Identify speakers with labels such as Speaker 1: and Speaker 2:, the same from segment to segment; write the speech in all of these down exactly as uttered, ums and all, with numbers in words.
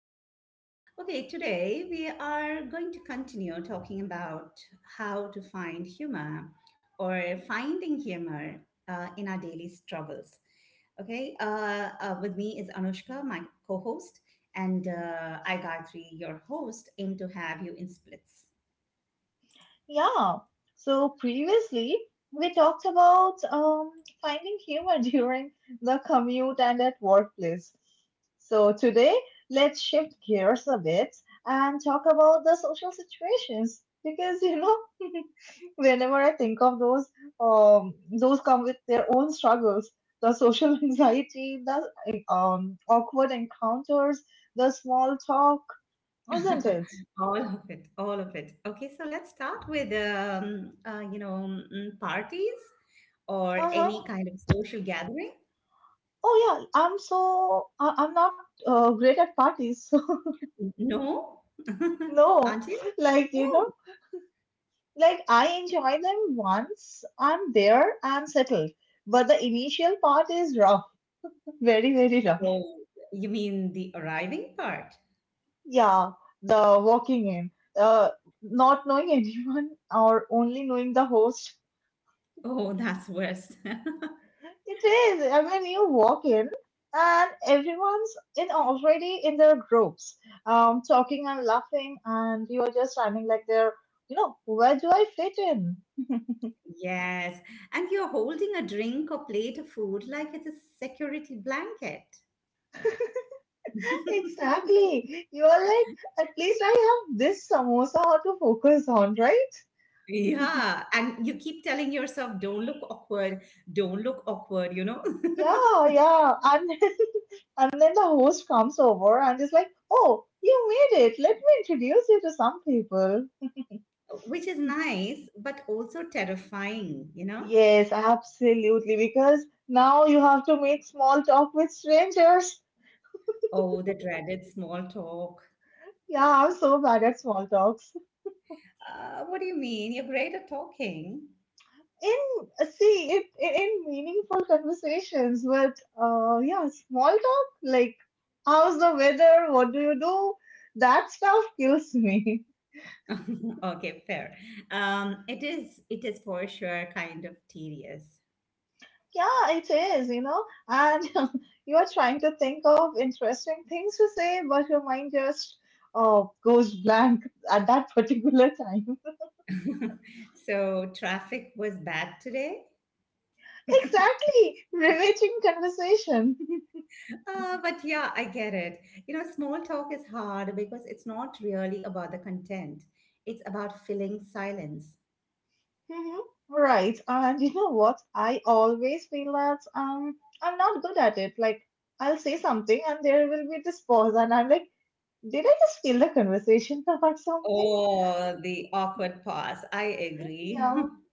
Speaker 1: episode. Okay, today we are going to continue talking about how to find humor or finding humor uh, in our daily struggles. Okay, uh, uh, with me is Anushka, my co host, and uh, I, Gayatri, your host, aim to have you in splits.
Speaker 2: Yeah. So previously we talked about um, finding humor during the commute and at workplace. So today let's shift gears a bit and talk about the social situations because you know whenever I think of those, um, those come with their own struggles. The social anxiety, the um, awkward encounters, the small talk, isn't it?
Speaker 1: All of it, all of it. Okay, so let's start with, um, uh, you know, mm, parties or
Speaker 2: Uh
Speaker 1: any
Speaker 2: huh.
Speaker 1: kind of social gathering.
Speaker 2: Oh yeah, I'm so I- I'm not uh, great at parties, so
Speaker 1: No?
Speaker 2: no,
Speaker 1: Until?
Speaker 2: like you
Speaker 1: Oh.
Speaker 2: know, like I enjoy them once I'm there, I'm settled. But the initial part is rough, very very rough.
Speaker 1: Oh, you mean the arriving part?
Speaker 2: Yeah, the walking in, uh, not knowing anyone or only knowing the host.
Speaker 1: Oh, that's worse.
Speaker 2: It is. I mean, you walk in and everyone's in already in their groups, um, talking and laughing, and you are just standing like there. You know, where do I fit in?
Speaker 1: Yes, and you're holding a drink or plate of food like it's a security blanket.
Speaker 2: Exactly. You are like, at least I have this samosa to focus on, right?
Speaker 1: Yeah, and you keep telling yourself, don't look awkward, don't look awkward, you know,
Speaker 2: Yeah, yeah. And and then the host comes over and is like, oh, you made it. Let me introduce you to some people.
Speaker 1: Which is nice, but also terrifying, you know.
Speaker 2: Yes, absolutely. Because now you have to make small talk with strangers.
Speaker 1: Oh, the dreaded small talk.
Speaker 2: Yeah, I'm so bad at small talks.
Speaker 1: Uh, what do you mean? You're great at talking.
Speaker 2: In see it in, in meaningful conversations, but uh, yeah, small talk like how's the weather? What do you do? That stuff kills me.
Speaker 1: Okay, fair. Um, it is it is for sure kind of tedious.
Speaker 2: Yeah, it is, you know, and you are trying to think of interesting things to say, but your mind just uh, goes blank at that particular time.
Speaker 1: So traffic was bad today.
Speaker 2: Exactly, riveting conversation.
Speaker 1: Uh, but yeah, I get it. You know, small talk is hard because it's not really about the content. It's about filling silence.
Speaker 2: Mhm. Right. And you know what? I always feel that um I'm not good at it. Like I'll say something and there will be this pause and I'm like, did I just steal the conversation about something?
Speaker 1: Oh, the awkward pause. I agree.
Speaker 2: Yeah.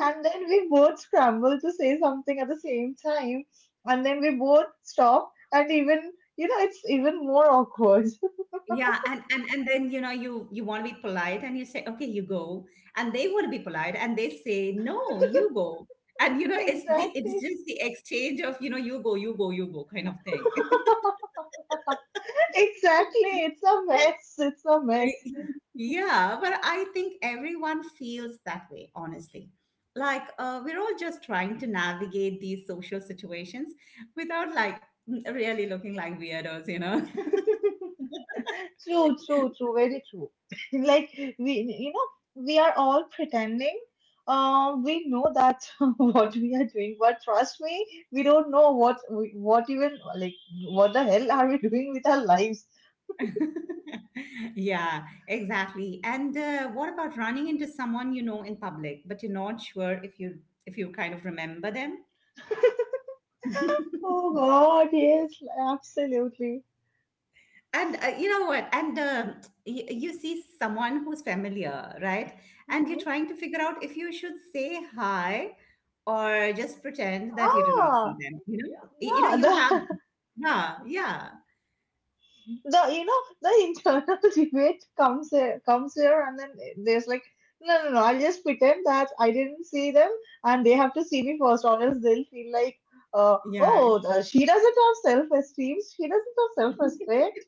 Speaker 2: And then we both scramble to say something at the same time. And then we both stop and even you know, it's even more awkward.
Speaker 1: Yeah, and, and and then you know you you want to be polite and you say, okay, you go, and they want to be polite and they say, no, you go, and you know it's the it's
Speaker 2: Exactly.
Speaker 1: just the exchange of you know you go, you go, you go kind of thing.
Speaker 2: Exactly. It's a mess. It's a mess.
Speaker 1: Yeah, but I think everyone feels that way, honestly, like uh, we're all just trying to navigate these social situations without like really looking like weirdos you know
Speaker 2: True, true, true, very true. Like we, you know, we are all pretending. Uh, we know that what we are doing, but trust me, we don't know what, we- what even like, what the hell are we doing with our lives?
Speaker 1: Yeah, exactly. And uh, what about running into someone you know in public, but you're not sure if you if you kind of remember them?
Speaker 2: Oh God, yes, absolutely.
Speaker 1: And uh, you know what? And um y you see someone who's familiar, right? And you're
Speaker 2: Hmm.
Speaker 1: trying to figure out if you should say hi or just pretend that you do not see
Speaker 2: Ah,
Speaker 1: them. You know, Y- you know,
Speaker 2: yeah,
Speaker 1: you have.
Speaker 2: the
Speaker 1: Yeah, yeah,
Speaker 2: the you know the internal debate comes here, comes here and then there's like no no no I'll just pretend that I didn't see them and they have to see me first or else they'll feel like uh,
Speaker 1: yeah.
Speaker 2: oh, the, she doesn't have self esteem, she doesn't have self respect.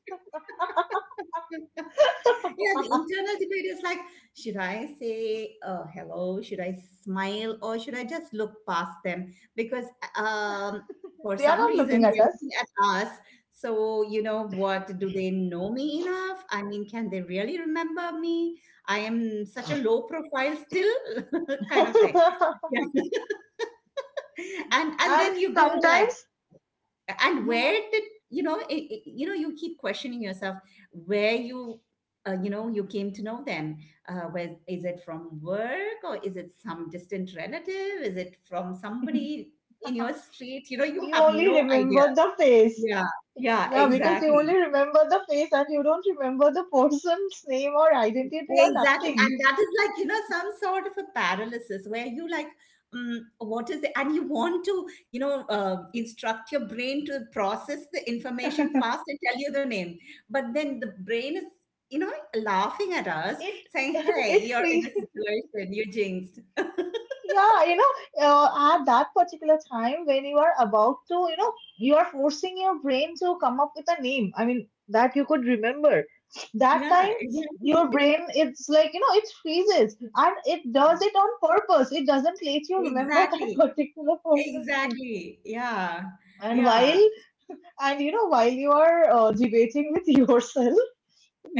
Speaker 1: Yeah, the internal debate is like, should I say uh, hello? Should I smile or should I just look past them? Because um, for
Speaker 2: They are
Speaker 1: some
Speaker 2: not looking
Speaker 1: reason
Speaker 2: at
Speaker 1: they're
Speaker 2: us.
Speaker 1: looking at us. So, you know what? Do they know me enough? I mean, can they really remember me? I am such a low profile still, kind of thing. Yeah. And and
Speaker 2: And
Speaker 1: then you go like,
Speaker 2: sometimes
Speaker 1: and where
Speaker 2: mhm,
Speaker 1: did you know it, it- you know you keep questioning yourself where you uh, you know you came to know them, uh, where is it, from work, or is it some distant relative, is it from somebody in your street you know You
Speaker 2: you
Speaker 1: have
Speaker 2: only
Speaker 1: no idea.
Speaker 2: remember the face.
Speaker 1: Yeah, yeah,
Speaker 2: Yeah, because you
Speaker 1: exactly.
Speaker 2: only remember the face and you don't remember the person's name or identity or
Speaker 1: Exactly.
Speaker 2: nothing.
Speaker 1: And that is like, you know, some sort of a paralysis where you like, um, what is it? And you want to, you know, uh, instruct your brain to process the information fast and tell you the name. But then the brain is, you know, laughing at us
Speaker 2: It
Speaker 1: saying, hey,
Speaker 2: it
Speaker 1: you're in
Speaker 2: free
Speaker 1: a situation, you jinxed.
Speaker 2: Yeah, you know, uh, at that particular time when you are about to, you know, you are forcing your brain to come up with a name. I mean, that you could remember. That
Speaker 1: Yeah,
Speaker 2: time,
Speaker 1: exactly.
Speaker 2: your brain, it's like, you know, it freezes and it does it on purpose. It doesn't let you remember that
Speaker 1: Exactly.
Speaker 2: particular person's name.
Speaker 1: Exactly. Yeah.
Speaker 2: And
Speaker 1: Yeah.
Speaker 2: while, and you know, while you are uh, debating with yourself,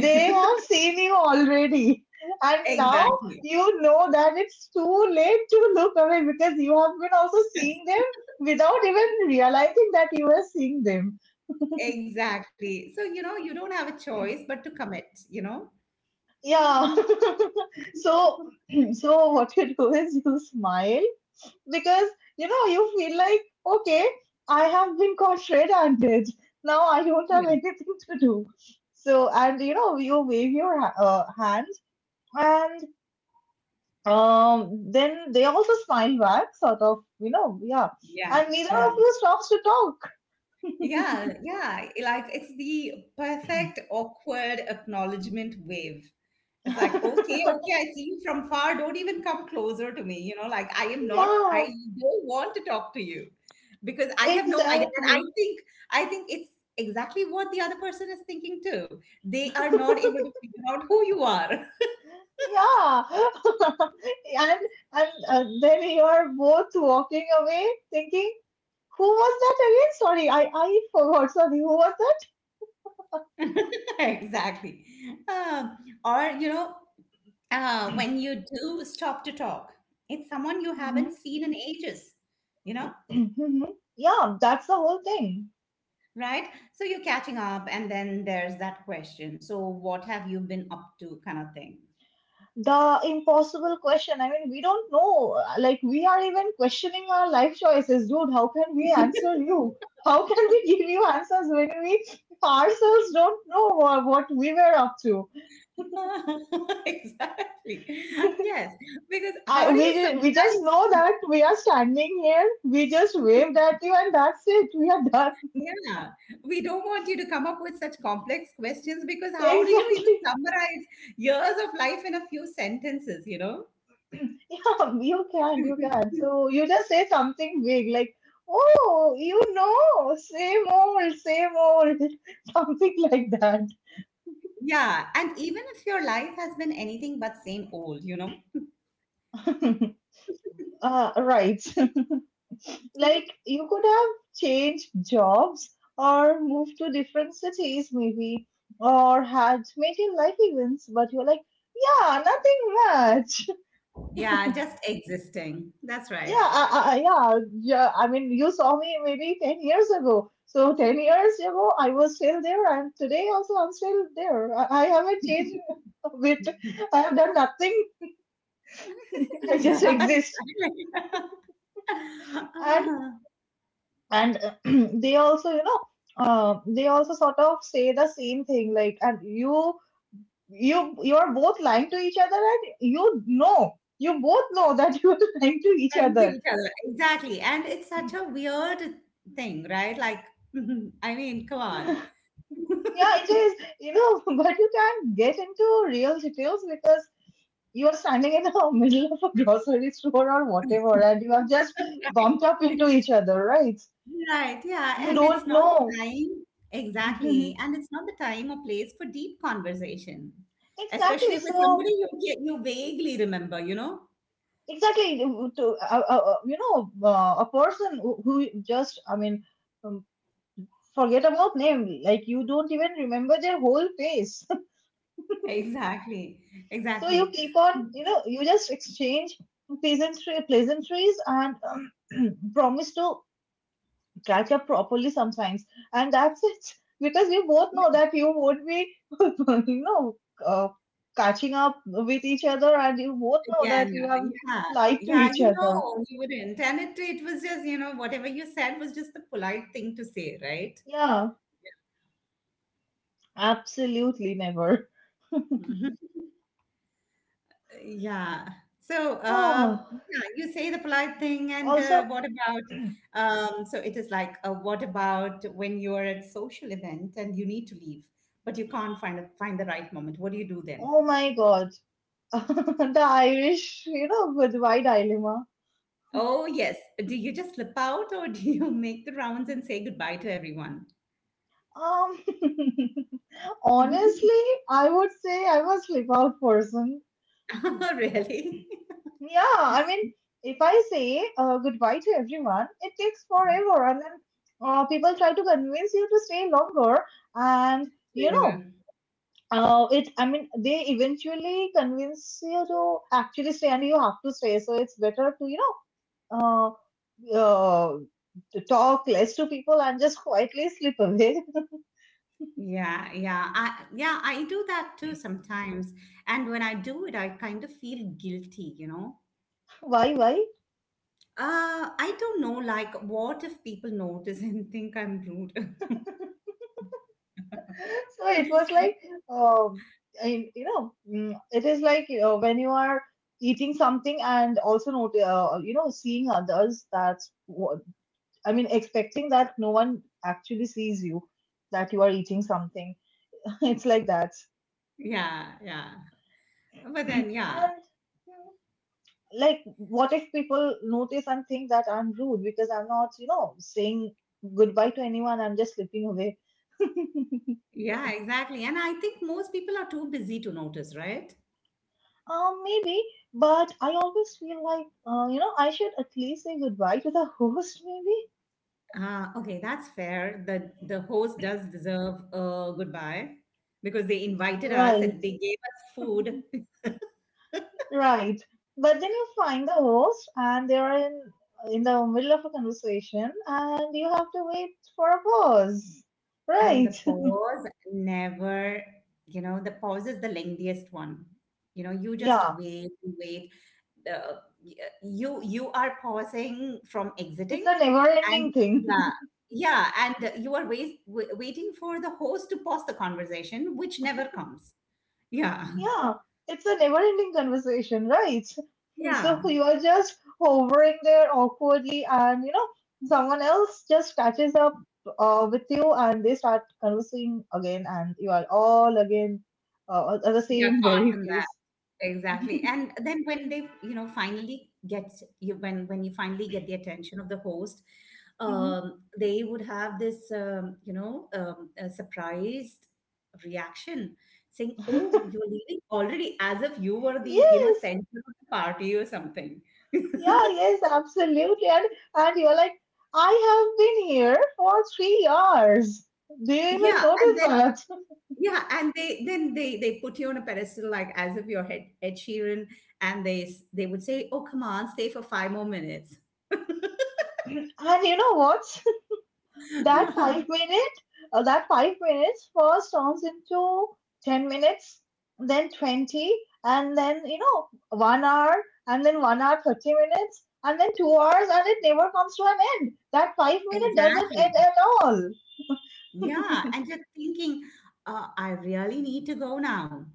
Speaker 2: they have seen you already. And now
Speaker 1: Exactly.
Speaker 2: you know that it's too late to look away because you have been also seeing them without even realizing that you were seeing them.
Speaker 1: Exactly. So, you know, you don't have a choice but to commit, you know?
Speaker 2: Yeah.
Speaker 1: Yeah,
Speaker 2: So so what you do is you smile because you know you feel like, okay, I have been caught red-handed. Now I don't
Speaker 1: yeah,
Speaker 2: have anything to do. So and you know you wave your ha- uh, hand and Um, then they also smile back, sort of, you know, yeah. And neither
Speaker 1: yeah,
Speaker 2: of you stops to talk.
Speaker 1: yeah, yeah. Like it's the perfect awkward acknowledgement wave. It's like, okay, okay, I see you from far. Don't even come closer to me. You know, like I am not, I
Speaker 2: Yeah,
Speaker 1: don't want to talk to you because I have no idea. And I
Speaker 2: exactly.
Speaker 1: think, I think it's exactly what the other person is thinking too. They are not able to figure out who you are.
Speaker 2: Yeah. And and uh, then you are both walking away thinking, who was that again? Sorry, I I forgot. Sorry, who was that?
Speaker 1: Exactly. Um, or, you know, uh, when you do stop to talk. It's someone you
Speaker 2: Hmm.
Speaker 1: haven't seen in ages, you know,
Speaker 2: Hmm. Yeah, that's the whole thing.
Speaker 1: right? So you're catching up, and then there's that question. So, what have you been up to, kind of thing.
Speaker 2: The impossible question. I mean, we don't know. Like, we are even questioning our life choices, dude. How can we answer you? How can we give you answers when we ourselves don't know wha- what we were up to?
Speaker 1: Exactly. Yes. Because
Speaker 2: I
Speaker 1: how do you
Speaker 2: we we just
Speaker 1: summarize?
Speaker 2: know that we are standing here. We just waved at you, and that's it. We are done.
Speaker 1: Yeah. We don't want you to come up with such complex questions because how do you even
Speaker 2: Exactly.
Speaker 1: summarize years of life in a few sentences, you know?
Speaker 2: Yeah, you can, you can. So you just say something big like, "Oh, you know, same old, same old," something like that.
Speaker 1: Yeah, and even if your life has been anything but same old, you know?
Speaker 2: Uh, right. Like you could have changed jobs or moved to different cities, maybe, or had major life events, but you're like, yeah, nothing much.
Speaker 1: Yeah, just existing. That's
Speaker 2: Yeah,
Speaker 1: right.
Speaker 2: I, I, yeah, yeah. I mean, you saw me maybe ten years ago. So ten years ago, I was still there, and today also I'm still there. I, I haven't changed a bit. I have done nothing. I
Speaker 1: Yeah,
Speaker 2: just exist.
Speaker 1: exactly.
Speaker 2: And
Speaker 1: Uh,
Speaker 2: and they also you know uh, they also sort of say the same thing, like and you you you are both lying to each other, and you know you both know that you are lying to each
Speaker 1: and to
Speaker 2: other.
Speaker 1: each other. Exactly. And it's such a weird thing, right? Like, I mean, come on.
Speaker 2: Yeah, it is, you know but you can't get into real details because you are standing in the middle of a grocery store or whatever and you have just bumped up into each other, right?
Speaker 1: Right, yeah,
Speaker 2: You
Speaker 1: and it's
Speaker 2: don't
Speaker 1: not the
Speaker 2: know.
Speaker 1: time, exactly, and it's not the time or place for deep conversation, especially
Speaker 2: Exactly.
Speaker 1: with somebody
Speaker 2: So
Speaker 1: you ca- you vaguely remember, you know?
Speaker 2: exactly to, to- uh, uh, uh, you know uh, a person who who just I mean, um, forget about name, like you don't even remember their whole face.
Speaker 1: Exactly,
Speaker 2: So you
Speaker 1: exactly.
Speaker 2: keep on, you know you just exchange pleasantry, pleasantries, and um, promise to catch up properly sometimes, and that's it. Because you both know that you won't be you know uh, catching up with each other, and you both know that
Speaker 1: Again,
Speaker 2: you have
Speaker 1: yeah,
Speaker 2: lied to
Speaker 1: yeah,
Speaker 2: each
Speaker 1: you
Speaker 2: other.
Speaker 1: know, you wouldn't. And it, it was just, you know, whatever you said was just the polite thing to say, right?
Speaker 2: Yeah. Absolutely never.
Speaker 1: Mhm. Yeah. So, um,
Speaker 2: Oh,
Speaker 1: yeah, you say the polite thing, and uh,
Speaker 2: also,
Speaker 1: what about? Um, so it is like, uh, what about when you are at social event and you need to leave, but you can't find a, find the right moment? What do you do then?
Speaker 2: oh my God, the Irish, you know, goodbye dilemma.
Speaker 1: Oh yes, do you just slip out, or do you make the rounds and say goodbye to everyone?
Speaker 2: Um, Honestly, I would say I'm a slip out person.
Speaker 1: Really?
Speaker 2: Yeah, I mean, if I say uh, goodbye to everyone, it takes forever, and then uh, people try to convince you to stay longer, and you
Speaker 1: Yeah,
Speaker 2: know. Uh, it, I mean, they eventually convince you to actually stay and you have to stay. So it's better to, you know uh, uh, to talk less to people and just quietly slip away.
Speaker 1: yeah, yeah. I, yeah, I do that too sometimes. And when I do it, I kind of feel guilty, you know?
Speaker 2: Why? Why?
Speaker 1: Uh, I don't know, like, what if people notice and think I'm rude?
Speaker 2: So it was like um I, you know mm, it is like, you know, when you are eating something and also not, uh, you know seeing others, that's what I mean, expecting that no one actually sees you that you are eating something. It's like that.
Speaker 1: Yeah, yeah. But
Speaker 2: And
Speaker 1: then, yeah,
Speaker 2: mm, like, what if people notice and think that I'm rude because I'm not, you know, saying goodbye to anyone, I'm just slipping away.
Speaker 1: yeah, exactly. And I think most people are too busy to notice, right?
Speaker 2: Um, maybe, but I always feel like, uh, you know, I should at least say goodbye to the host, maybe.
Speaker 1: Ah, okay, that's fair. The the host does deserve a goodbye because they invited us
Speaker 2: Right,
Speaker 1: and they gave us food.
Speaker 2: right. But then you find the host, and they are in in the middle of a conversation, and you have to wait for a pause.
Speaker 1: And the
Speaker 2: Right.
Speaker 1: pause never, you know, the pause is the lengthiest one. You know, you just
Speaker 2: Yeah,
Speaker 1: wait and wait. The you you are pausing from
Speaker 2: it's
Speaker 1: exiting,
Speaker 2: a never-ending
Speaker 1: and,
Speaker 2: thing.
Speaker 1: yeah, yeah, and you are wait, wait, waiting for the host to pause the conversation, which never comes. Yeah,
Speaker 2: Yeah, it's a never ending conversation, right? So
Speaker 1: yeah,
Speaker 2: you are just hovering there awkwardly, and you know, someone else just catches up uh, with you and they start conversing again, and you are all again uh, at the
Speaker 1: yeah,
Speaker 2: same
Speaker 1: caught
Speaker 2: very
Speaker 1: in that.
Speaker 2: place.
Speaker 1: Exactly. And then when they, you know, finally get you, when when you finally get the attention of the host,
Speaker 2: Mhm.
Speaker 1: um, they would have this, um, you know, um, a surprised reaction saying, "Oh, you're leaving already," as if you were the, you know,
Speaker 2: Yes,
Speaker 1: center of the party or something.
Speaker 2: yeah, yes, absolutely. And and you're like, I have been here for three hours. Do you even
Speaker 1: Yeah, and
Speaker 2: notice
Speaker 1: then,
Speaker 2: that?
Speaker 1: yeah, and they then they they put you on a pedestal, like as if you're Ed, Ed Sheeran, and they s- they would say, "Oh, come on, stay for five more minutes."
Speaker 2: And you know what? That five minute, uh, that five minutes first turns into ten minutes, then twenty, and then, you know, one hour, and then one hour, thirty minutes, and then two hours, and it never comes to an end. That five minute doesn't
Speaker 1: Exactly.
Speaker 2: end at all.
Speaker 1: Yeah. And you're thinking, uh, I really need to go now.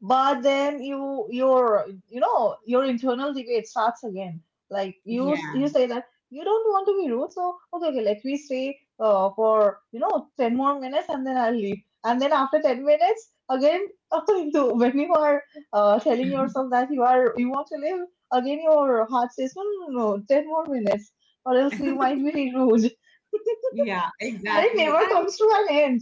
Speaker 2: But then you your you know your internal debate starts again. Like, you s- you
Speaker 1: Yeah.
Speaker 2: say that you don't want to be rude, so okay, okay, let me stay uh, for you know ten more minutes and then I'll leave, and then after ten minutes again to- when you are uh, telling yourself that you are you want to leave, again your heart says no no no no, ten more minutes or else you might be rude. And
Speaker 1: Yeah,
Speaker 2: it
Speaker 1: exactly.
Speaker 2: never
Speaker 1: And
Speaker 2: comes to an end.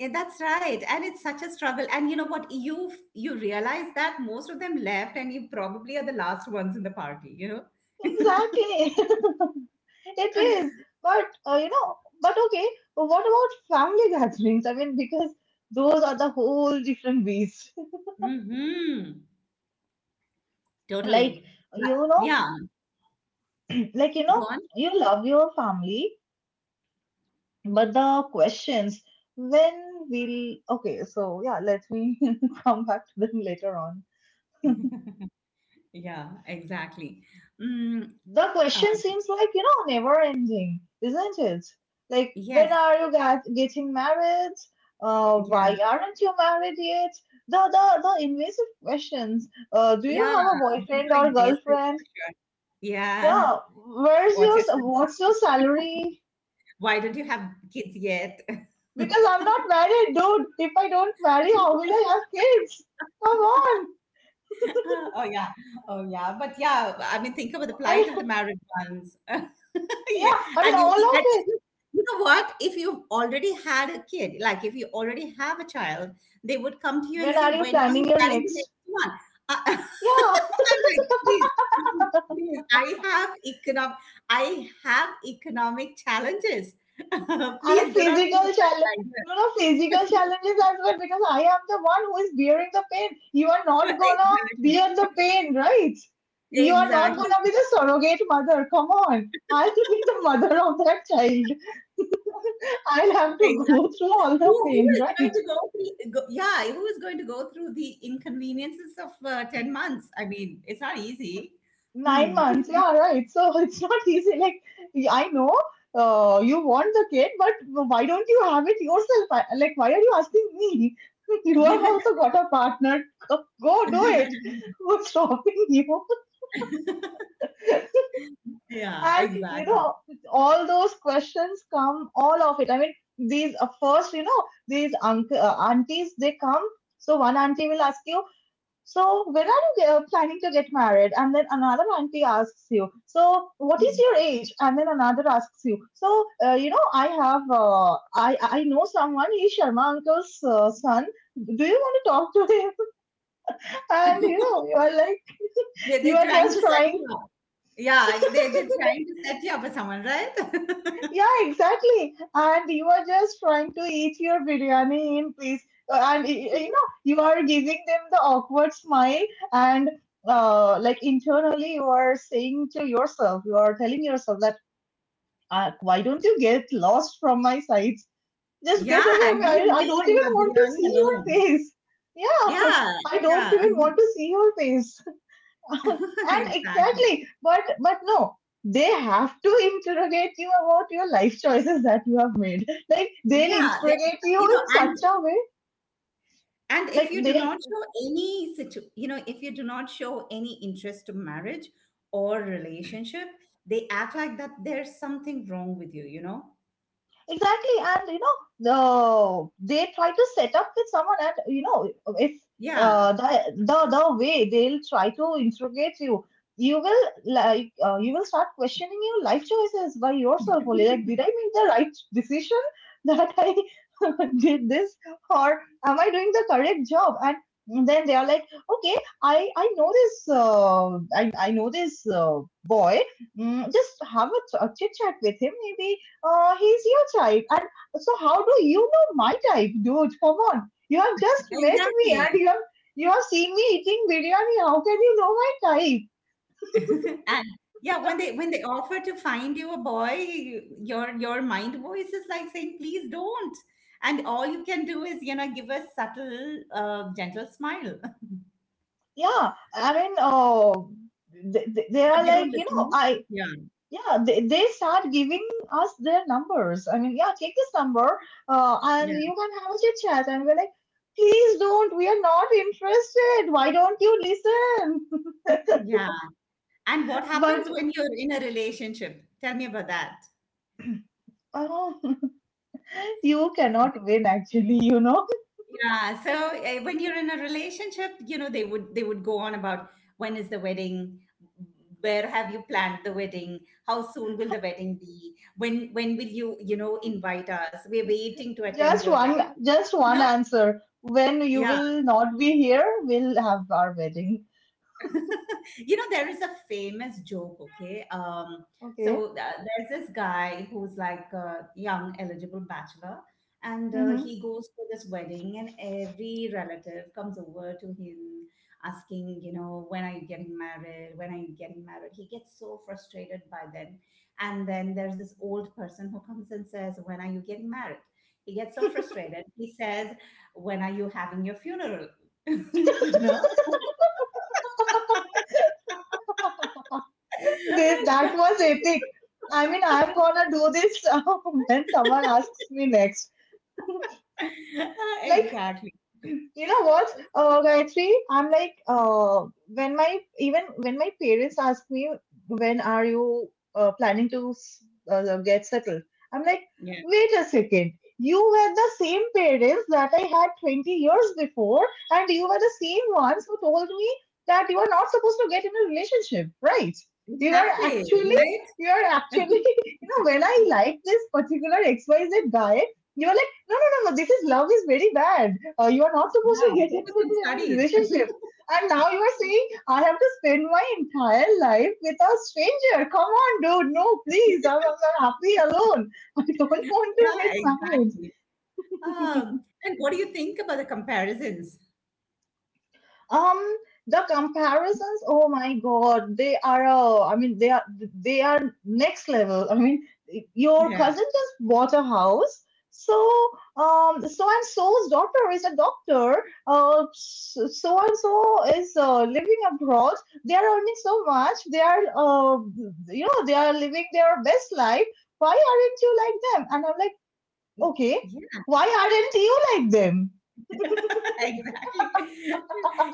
Speaker 1: and that's right. And it's such a struggle. And you know what? You you realize that most of them left and you probably are the last ones in the party, you know?
Speaker 2: Exactly. It is, but uh, you know, but okay, but what about family gatherings? I mean, because those are the whole different beast.
Speaker 1: Mm-hmm. Totally.
Speaker 2: Like, you know,
Speaker 1: Yeah.
Speaker 2: like, you
Speaker 1: Go
Speaker 2: know,
Speaker 1: on.
Speaker 2: you love your family, but the questions when will, okay, so yeah, let me come back to them later on.
Speaker 1: Yeah, exactly. Mm,
Speaker 2: The
Speaker 1: all
Speaker 2: question
Speaker 1: right.
Speaker 2: seems like, you know, never ending, isn't it? Like, when
Speaker 1: Yes.
Speaker 2: are you get, getting married? Uh,
Speaker 1: Yeah.
Speaker 2: why aren't you married yet? The, the, the invasive questions. Uh, do you
Speaker 1: Yeah,
Speaker 2: have a
Speaker 1: those
Speaker 2: boyfriend
Speaker 1: are
Speaker 2: or
Speaker 1: invasive
Speaker 2: girlfriend?
Speaker 1: for sure. Yeah,
Speaker 2: Yeah, where's
Speaker 1: watches.
Speaker 2: your,
Speaker 1: and-
Speaker 2: what's your salary?
Speaker 1: Why don't you have kids yet?
Speaker 2: Because I'm not married, dude. If I don't marry, how will I have kids? Come on.
Speaker 1: Oh yeah, oh yeah. But yeah, I mean, think about the plight of the
Speaker 2: I,
Speaker 1: married ones. Yeah.
Speaker 2: yeah, I mean,
Speaker 1: And you
Speaker 2: all of
Speaker 1: and if
Speaker 2: it.
Speaker 1: you you know what? If you've already had a kid, like if you already have a child, they would come to you and
Speaker 2: When
Speaker 1: say,
Speaker 2: are you
Speaker 1: "When are
Speaker 2: planning
Speaker 1: you
Speaker 2: your
Speaker 1: planning the
Speaker 2: next?
Speaker 1: next one?" I,
Speaker 2: Yeah.
Speaker 1: I'm like, please, please. I have economic, I have economic challenges.
Speaker 2: And
Speaker 1: Please do not keep
Speaker 2: physical
Speaker 1: that
Speaker 2: challenge.
Speaker 1: idea.
Speaker 2: No, no, physical challenges as well because I am the one who is bearing the pain. You are not gonna
Speaker 1: Exactly.
Speaker 2: bear the pain, right? You are not
Speaker 1: Exactly.
Speaker 2: gonna be the surrogate mother. Come on. I'll be the mother of that child. I'll have to go
Speaker 1: Exactly.
Speaker 2: through all
Speaker 1: Who,
Speaker 2: the
Speaker 1: who
Speaker 2: pain,
Speaker 1: is
Speaker 2: right?
Speaker 1: going to go through? Go, yeah, who is going to go through the inconveniences of uh, ten months? I mean, it's not easy.
Speaker 2: Nine
Speaker 1: Mm.
Speaker 2: months, yeah, right. So it's not easy. Like, I know uh, you want the kid, but why don't you have it yourself? I- Like, why are you asking me? You have also got a partner. Go do it. Who's stopping you?
Speaker 1: Yeah,
Speaker 2: And, you
Speaker 1: exactly.
Speaker 2: know, all those questions come, all of it. I mean, these, uh, first, you know, these unc uh, aunties, they come. So one auntie will ask you, so, when are you uh, planning to get married? And then another auntie asks you, so, what is your age? And then another asks you, so, uh, you know, I have, uh, I, I know someone, he's Sharma uncle's uh, son. Do you want to talk to him? And, you know, you are like,
Speaker 1: they
Speaker 2: you
Speaker 1: they're
Speaker 2: are
Speaker 1: trying
Speaker 2: just
Speaker 1: to set
Speaker 2: trying.
Speaker 1: you up. Yeah, they they're trying to set you up with someone, right?
Speaker 2: Yeah, exactly. And you are just trying to eat your biryani in peace. Uh, And y- you know, you are giving them the awkward smile, and uh, like internally, you are saying to yourself, you are telling yourself that, uh, why don't you get lost from my sights? Just get
Speaker 1: Yeah,
Speaker 2: away.
Speaker 1: leave
Speaker 2: I, I
Speaker 1: me
Speaker 2: don't
Speaker 1: and my
Speaker 2: even want to
Speaker 1: biryani
Speaker 2: see your
Speaker 1: alone.
Speaker 2: face. Yeah,
Speaker 1: Yeah,
Speaker 2: I don't
Speaker 1: yeah,
Speaker 2: even want to see your face and
Speaker 1: exactly.
Speaker 2: exactly but but no, they have to interrogate you about your life choices that you have made, like they'll
Speaker 1: Yeah, that,
Speaker 2: interrogate you
Speaker 1: you know,
Speaker 2: in
Speaker 1: and
Speaker 2: such a way
Speaker 1: And if
Speaker 2: like
Speaker 1: you do
Speaker 2: they'll.
Speaker 1: not show any situ- you know, if you do not show any interest to marriage or relationship, they act like that there's something wrong with you, you know?
Speaker 2: Exactly, and you know the they try to set up with someone, and you know if
Speaker 1: Yeah,
Speaker 2: uh, the the the way they'll try to interrogate you, you will like uh, you will start questioning your life choices by yourself only. Like, did I make the right decision that I did this, or am I doing the correct job? And then they are like, okay, I I know this uh, I I know this uh, boy. Mm, just have a, ch- a chit chat with him. Maybe uh, he's your type. And so how do you know my type, dude? Come on. You have just met me
Speaker 1: exactly.
Speaker 2: and you have you have seen me eating biryani. How can you know my type?
Speaker 1: And yeah, when they when they offer to find you a boy, you- your your mind voice is like saying, please don't. And all you can do is, you know, give a subtle, uh, gentle smile.
Speaker 2: Yeah, I mean, uh, they, they they
Speaker 1: But
Speaker 2: are
Speaker 1: they don't
Speaker 2: like, you know,
Speaker 1: listen.
Speaker 2: I,
Speaker 1: Yeah,
Speaker 2: yeah, they, they start giving us their numbers. I mean, yeah, take this number, uh, and
Speaker 1: yeah,
Speaker 2: you can have a chit chat. And we're like, please don't, we are not interested. Why don't you listen?
Speaker 1: yeah. And what happens
Speaker 2: But,
Speaker 1: when you're in a relationship? Tell me about that.
Speaker 2: oh, you cannot win, actually, you know.
Speaker 1: Yeah, so uh, when you're in a relationship, you know, they would they would go on about when is the wedding, where have you planned the wedding, how soon will the wedding be, when when will you, you know, invite us? We're waiting to attend
Speaker 2: Just
Speaker 1: your
Speaker 2: one,
Speaker 1: wedding.
Speaker 2: just
Speaker 1: You
Speaker 2: one
Speaker 1: know?
Speaker 2: answer. When you
Speaker 1: Yeah.
Speaker 2: will not be here, we'll have our wedding.
Speaker 1: You know there is a famous joke, okay. Um
Speaker 2: Okay.
Speaker 1: so uh, there's this guy who's like a young eligible bachelor, and uh,
Speaker 2: Mm-hmm.
Speaker 1: he goes to this wedding, and every relative comes over to him asking, you know when are you getting married, when are you getting married. He gets so frustrated by them. And then there's this old person who comes and says, when are you getting married. He gets so frustrated, he says, when are you having your funeral? you know
Speaker 2: This, that was epic. I mean, I'm gonna do this when someone asks me next. Like,
Speaker 1: exactly.
Speaker 2: you know
Speaker 1: Uh,
Speaker 2: what, uh, Gayatri? I'm like, uh, when my even when my parents ask me when are you uh, planning to s- uh, get settled, I'm like,
Speaker 1: yeah,
Speaker 2: wait a second. You were the same parents that I had twenty years before, and you were the same ones who told me that you are not supposed to get in a relationship, right? You are
Speaker 1: exactly.
Speaker 2: actually,
Speaker 1: Right?
Speaker 2: you are actually, you know, when I like this particular X Y Z guy, you are no, no, no, no. This is love is very bad. Uh, you are not supposed
Speaker 1: Yeah,
Speaker 2: to get into
Speaker 1: focus
Speaker 2: it
Speaker 1: on
Speaker 2: in a
Speaker 1: studies.
Speaker 2: relationship. And now you are saying I have to spend my entire life with a stranger. Come on, dude. No, please. I'm, I'm happy alone. I don't want to get
Speaker 1: Yeah,
Speaker 2: married.
Speaker 1: exactly. Um, and what do you think about the comparisons?
Speaker 2: um the comparisons, oh my god, they are uh, i mean they are, they are next level. I mean, your
Speaker 1: Yeah.
Speaker 2: cousin just bought a house, so um so and so's daughter is a doctor, uh so and so is uh, living abroad, they are earning so much, they are uh, you know they are living their best life, why aren't you like them? And I'm like, okay,
Speaker 1: Yeah.
Speaker 2: why aren't you like them?
Speaker 1: Exactly.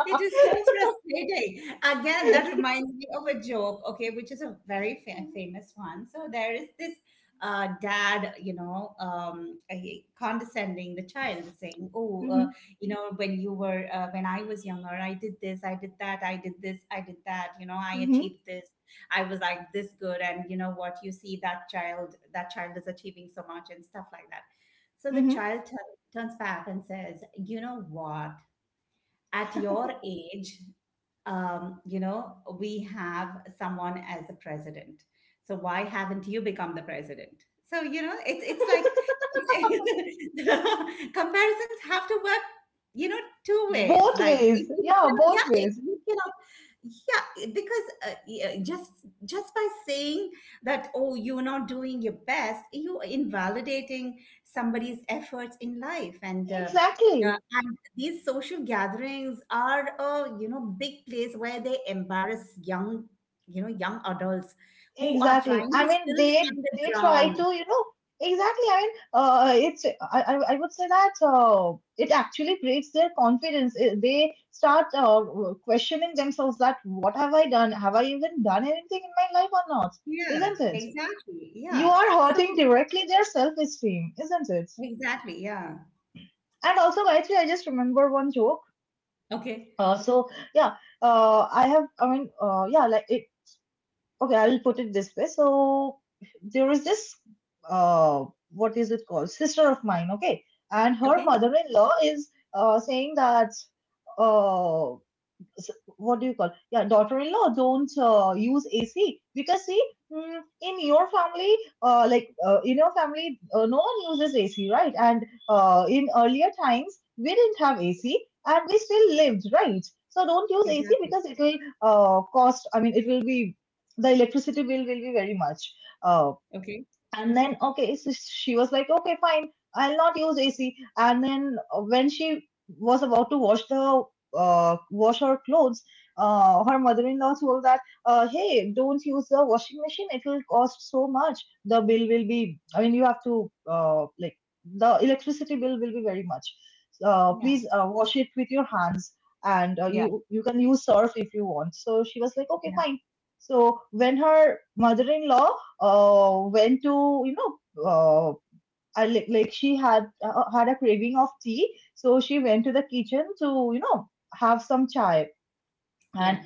Speaker 1: It is so frustrating. Again, that reminds me of a joke, okay, which is a very fa- famous one. So there is this uh, dad, you know, um, he- condescending the child, saying, "Oh,
Speaker 2: Hmm.
Speaker 1: uh, you know, when you were, uh, when I was younger, I did this, I did that, I did this, I did that. You know, I
Speaker 2: Hmm.
Speaker 1: achieved this. I was like this good, and you know what? You see that child, that child is achieving so much and stuff like that." So the
Speaker 2: Hmm.
Speaker 1: child turns back and says, "You know what? At your age, um, you know, we have someone as the president. So why haven't you become the president?" So, you know, it's it's like it's, comparisons have to work, you know, two ways.
Speaker 2: Both
Speaker 1: Like, it-
Speaker 2: ways
Speaker 1: you
Speaker 2: yeah
Speaker 1: cannot-
Speaker 2: both
Speaker 1: yeah, it-
Speaker 2: ways.
Speaker 1: you cannot, yeah, because uh, yeah, just just by saying that, oh, you're not doing your best, you're invalidating somebody's efforts in life. And uh, uh,
Speaker 2: exactly
Speaker 1: these social gatherings are a you know big place where they embarrass young you know young adults who are
Speaker 2: exactly,
Speaker 1: trying
Speaker 2: I
Speaker 1: to
Speaker 2: mean
Speaker 1: still
Speaker 2: they
Speaker 1: find the
Speaker 2: they try to,
Speaker 1: ground.
Speaker 2: you know, exactly. I mean uh it's I I I would say that uh, it actually breaks their confidence. Uh, they start uh, questioning themselves, that what have I done, have I even done anything in my life or not,
Speaker 1: Yeah,
Speaker 2: isn't it?
Speaker 1: exactly, yeah.
Speaker 2: You are
Speaker 1: So
Speaker 2: hurting directly their self-esteem, isn't it?
Speaker 1: exactly, yeah.
Speaker 2: And also, Gayatri, I just remember one joke.
Speaker 1: Okay,
Speaker 2: uh, so yeah, uh, I have, I mean, uh, yeah, like it, okay, I'll put it this way. So there is this uh what is it called, sister of mine, okay? And her
Speaker 1: okay,
Speaker 2: mother-in-law is uh saying that uh so, what do you call, yeah, daughter-in-law, don't uh, use AC, because see, mm, in your family, uh, like uh, in your family, uh, no one uses AC, right? And uh, in earlier times we didn't have AC, and we still lived, right? So don't use AC
Speaker 1: exactly.
Speaker 2: because it will uh, cost, I mean it will be, the electricity bill will be very much. uh,
Speaker 1: Okay,
Speaker 2: and then okay, so she was like, okay fine, I'll not use AC. And then uh, when she was about to wash the uh, wash her clothes, uh, her mother-in-law told that, uh, hey, don't use the washing machine, it will cost so much, the bill will be, I mean you have to uh, like the electricity bill will be very much. So, uh,
Speaker 1: yeah,
Speaker 2: please uh, wash it with your hands, and uh,
Speaker 1: yeah,
Speaker 2: you you can use surf if you want. So she was like, okay
Speaker 1: yeah,
Speaker 2: fine. So when her mother-in-law uh, went to, you know, uh, I, like like she had uh, had a craving of tea, so she went to the kitchen to, you know, have some chai. And
Speaker 1: yeah,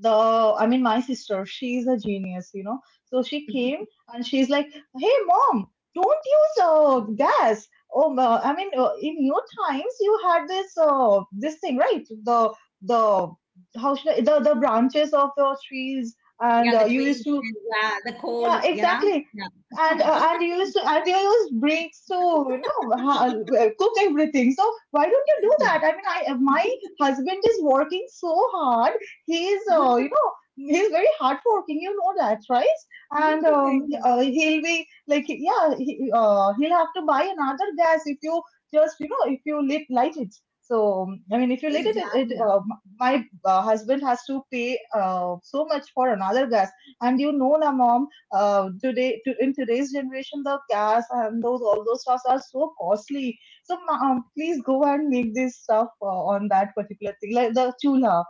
Speaker 2: the, I mean, my sister, she's a genius, you know. So she came and she's like, "Hey mom, don't use uh, gas." Oh, uh, I mean, uh, in your times you had this uh, this thing, right? The the How should I, the the branches of the trees, and
Speaker 1: yeah, the
Speaker 2: uh, you
Speaker 1: twigs,
Speaker 2: used to,
Speaker 1: and yeah, the
Speaker 2: yeah,
Speaker 1: coal, you know
Speaker 2: exactly. And
Speaker 1: yeah.
Speaker 2: uh, and you used to, and you use breaks to, you know, ha- uh, cook everything. So why don't you do
Speaker 1: Yeah.
Speaker 2: that? I mean, I uh, my husband is working so hard. He's uh, you know he's very hard working. You know that, right? And um, uh, he'll be like, yeah, he, uh, he'll have to buy another gas if you just you know if you lit light it. So um, I mean, if you lit it, it, it
Speaker 1: Exactly.
Speaker 2: uh, my uh, husband has to pay uh, so much for another gas. And you know, na mom, uh, today to, in today's generation, the gas and those all those stuffs are so costly, so um, please go and make this stuff uh, on that particular thing like the chula.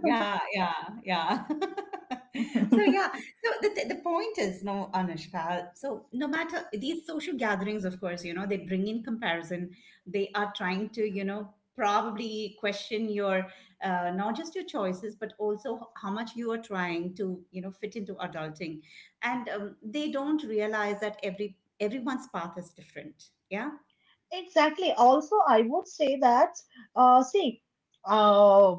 Speaker 1: Yeah, yeah, yeah. So yeah, so the the the point is, no, Anushka. So no matter these social gatherings, of course, you know, they bring in comparison. They are trying to, you know, probably question your uh, not just your choices, but also how much you are trying to, you know, fit into adulting. And um, they don't realize that every everyone's path is different. Yeah.
Speaker 2: Exactly. Also, I would say that, uh, see, uh,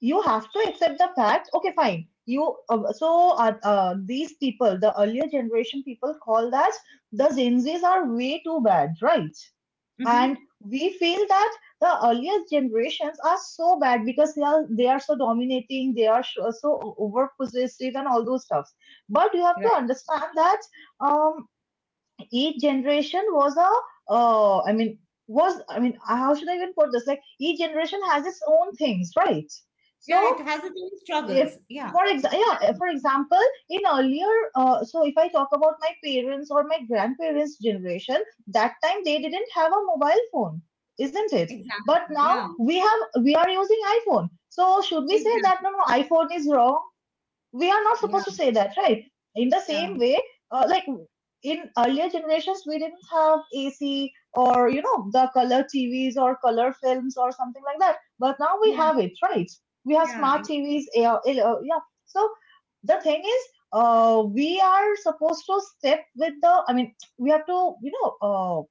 Speaker 2: you have to accept the fact, okay, fine. You uh, so uh, uh, these people, the earlier generation people, called as the Gen Zs are way too bad, right?
Speaker 1: Mm-hmm.
Speaker 2: And we feel that the earliest generations are so bad because they are they are so dominating, they are so, so over possessive and all those stuffs. But you have to
Speaker 1: Right.
Speaker 2: understand that um each generation was a uh i mean was, I mean, how should I even put this, like each generation has its own things, right? So
Speaker 1: Yeah, it has its own
Speaker 2: if,
Speaker 1: struggles. Yeah.
Speaker 2: for exa- yeah,
Speaker 1: Exactly.
Speaker 2: for example, in earlier uh, so if I talk about my parents or my grandparents generation, that time they didn't have a mobile phone, isn't it?
Speaker 1: Exactly.
Speaker 2: But now
Speaker 1: Yeah.
Speaker 2: we have, we are using iPhone, so should we say
Speaker 1: Exactly.
Speaker 2: that no no iPhone is wrong? We are not
Speaker 1: Yeah.
Speaker 2: supposed to say that, right? In the
Speaker 1: Yeah,
Speaker 2: same way, uh, like in earlier generations, we didn't have A C or you know the color T Vs or color films or something like that. But now we
Speaker 1: yeah,
Speaker 2: have it, right? We have
Speaker 1: yeah,
Speaker 2: smart
Speaker 1: ex-
Speaker 2: T Vs. Yeah, yeah. So the thing is, uh, we are supposed to step with the. I mean, we have to, you know,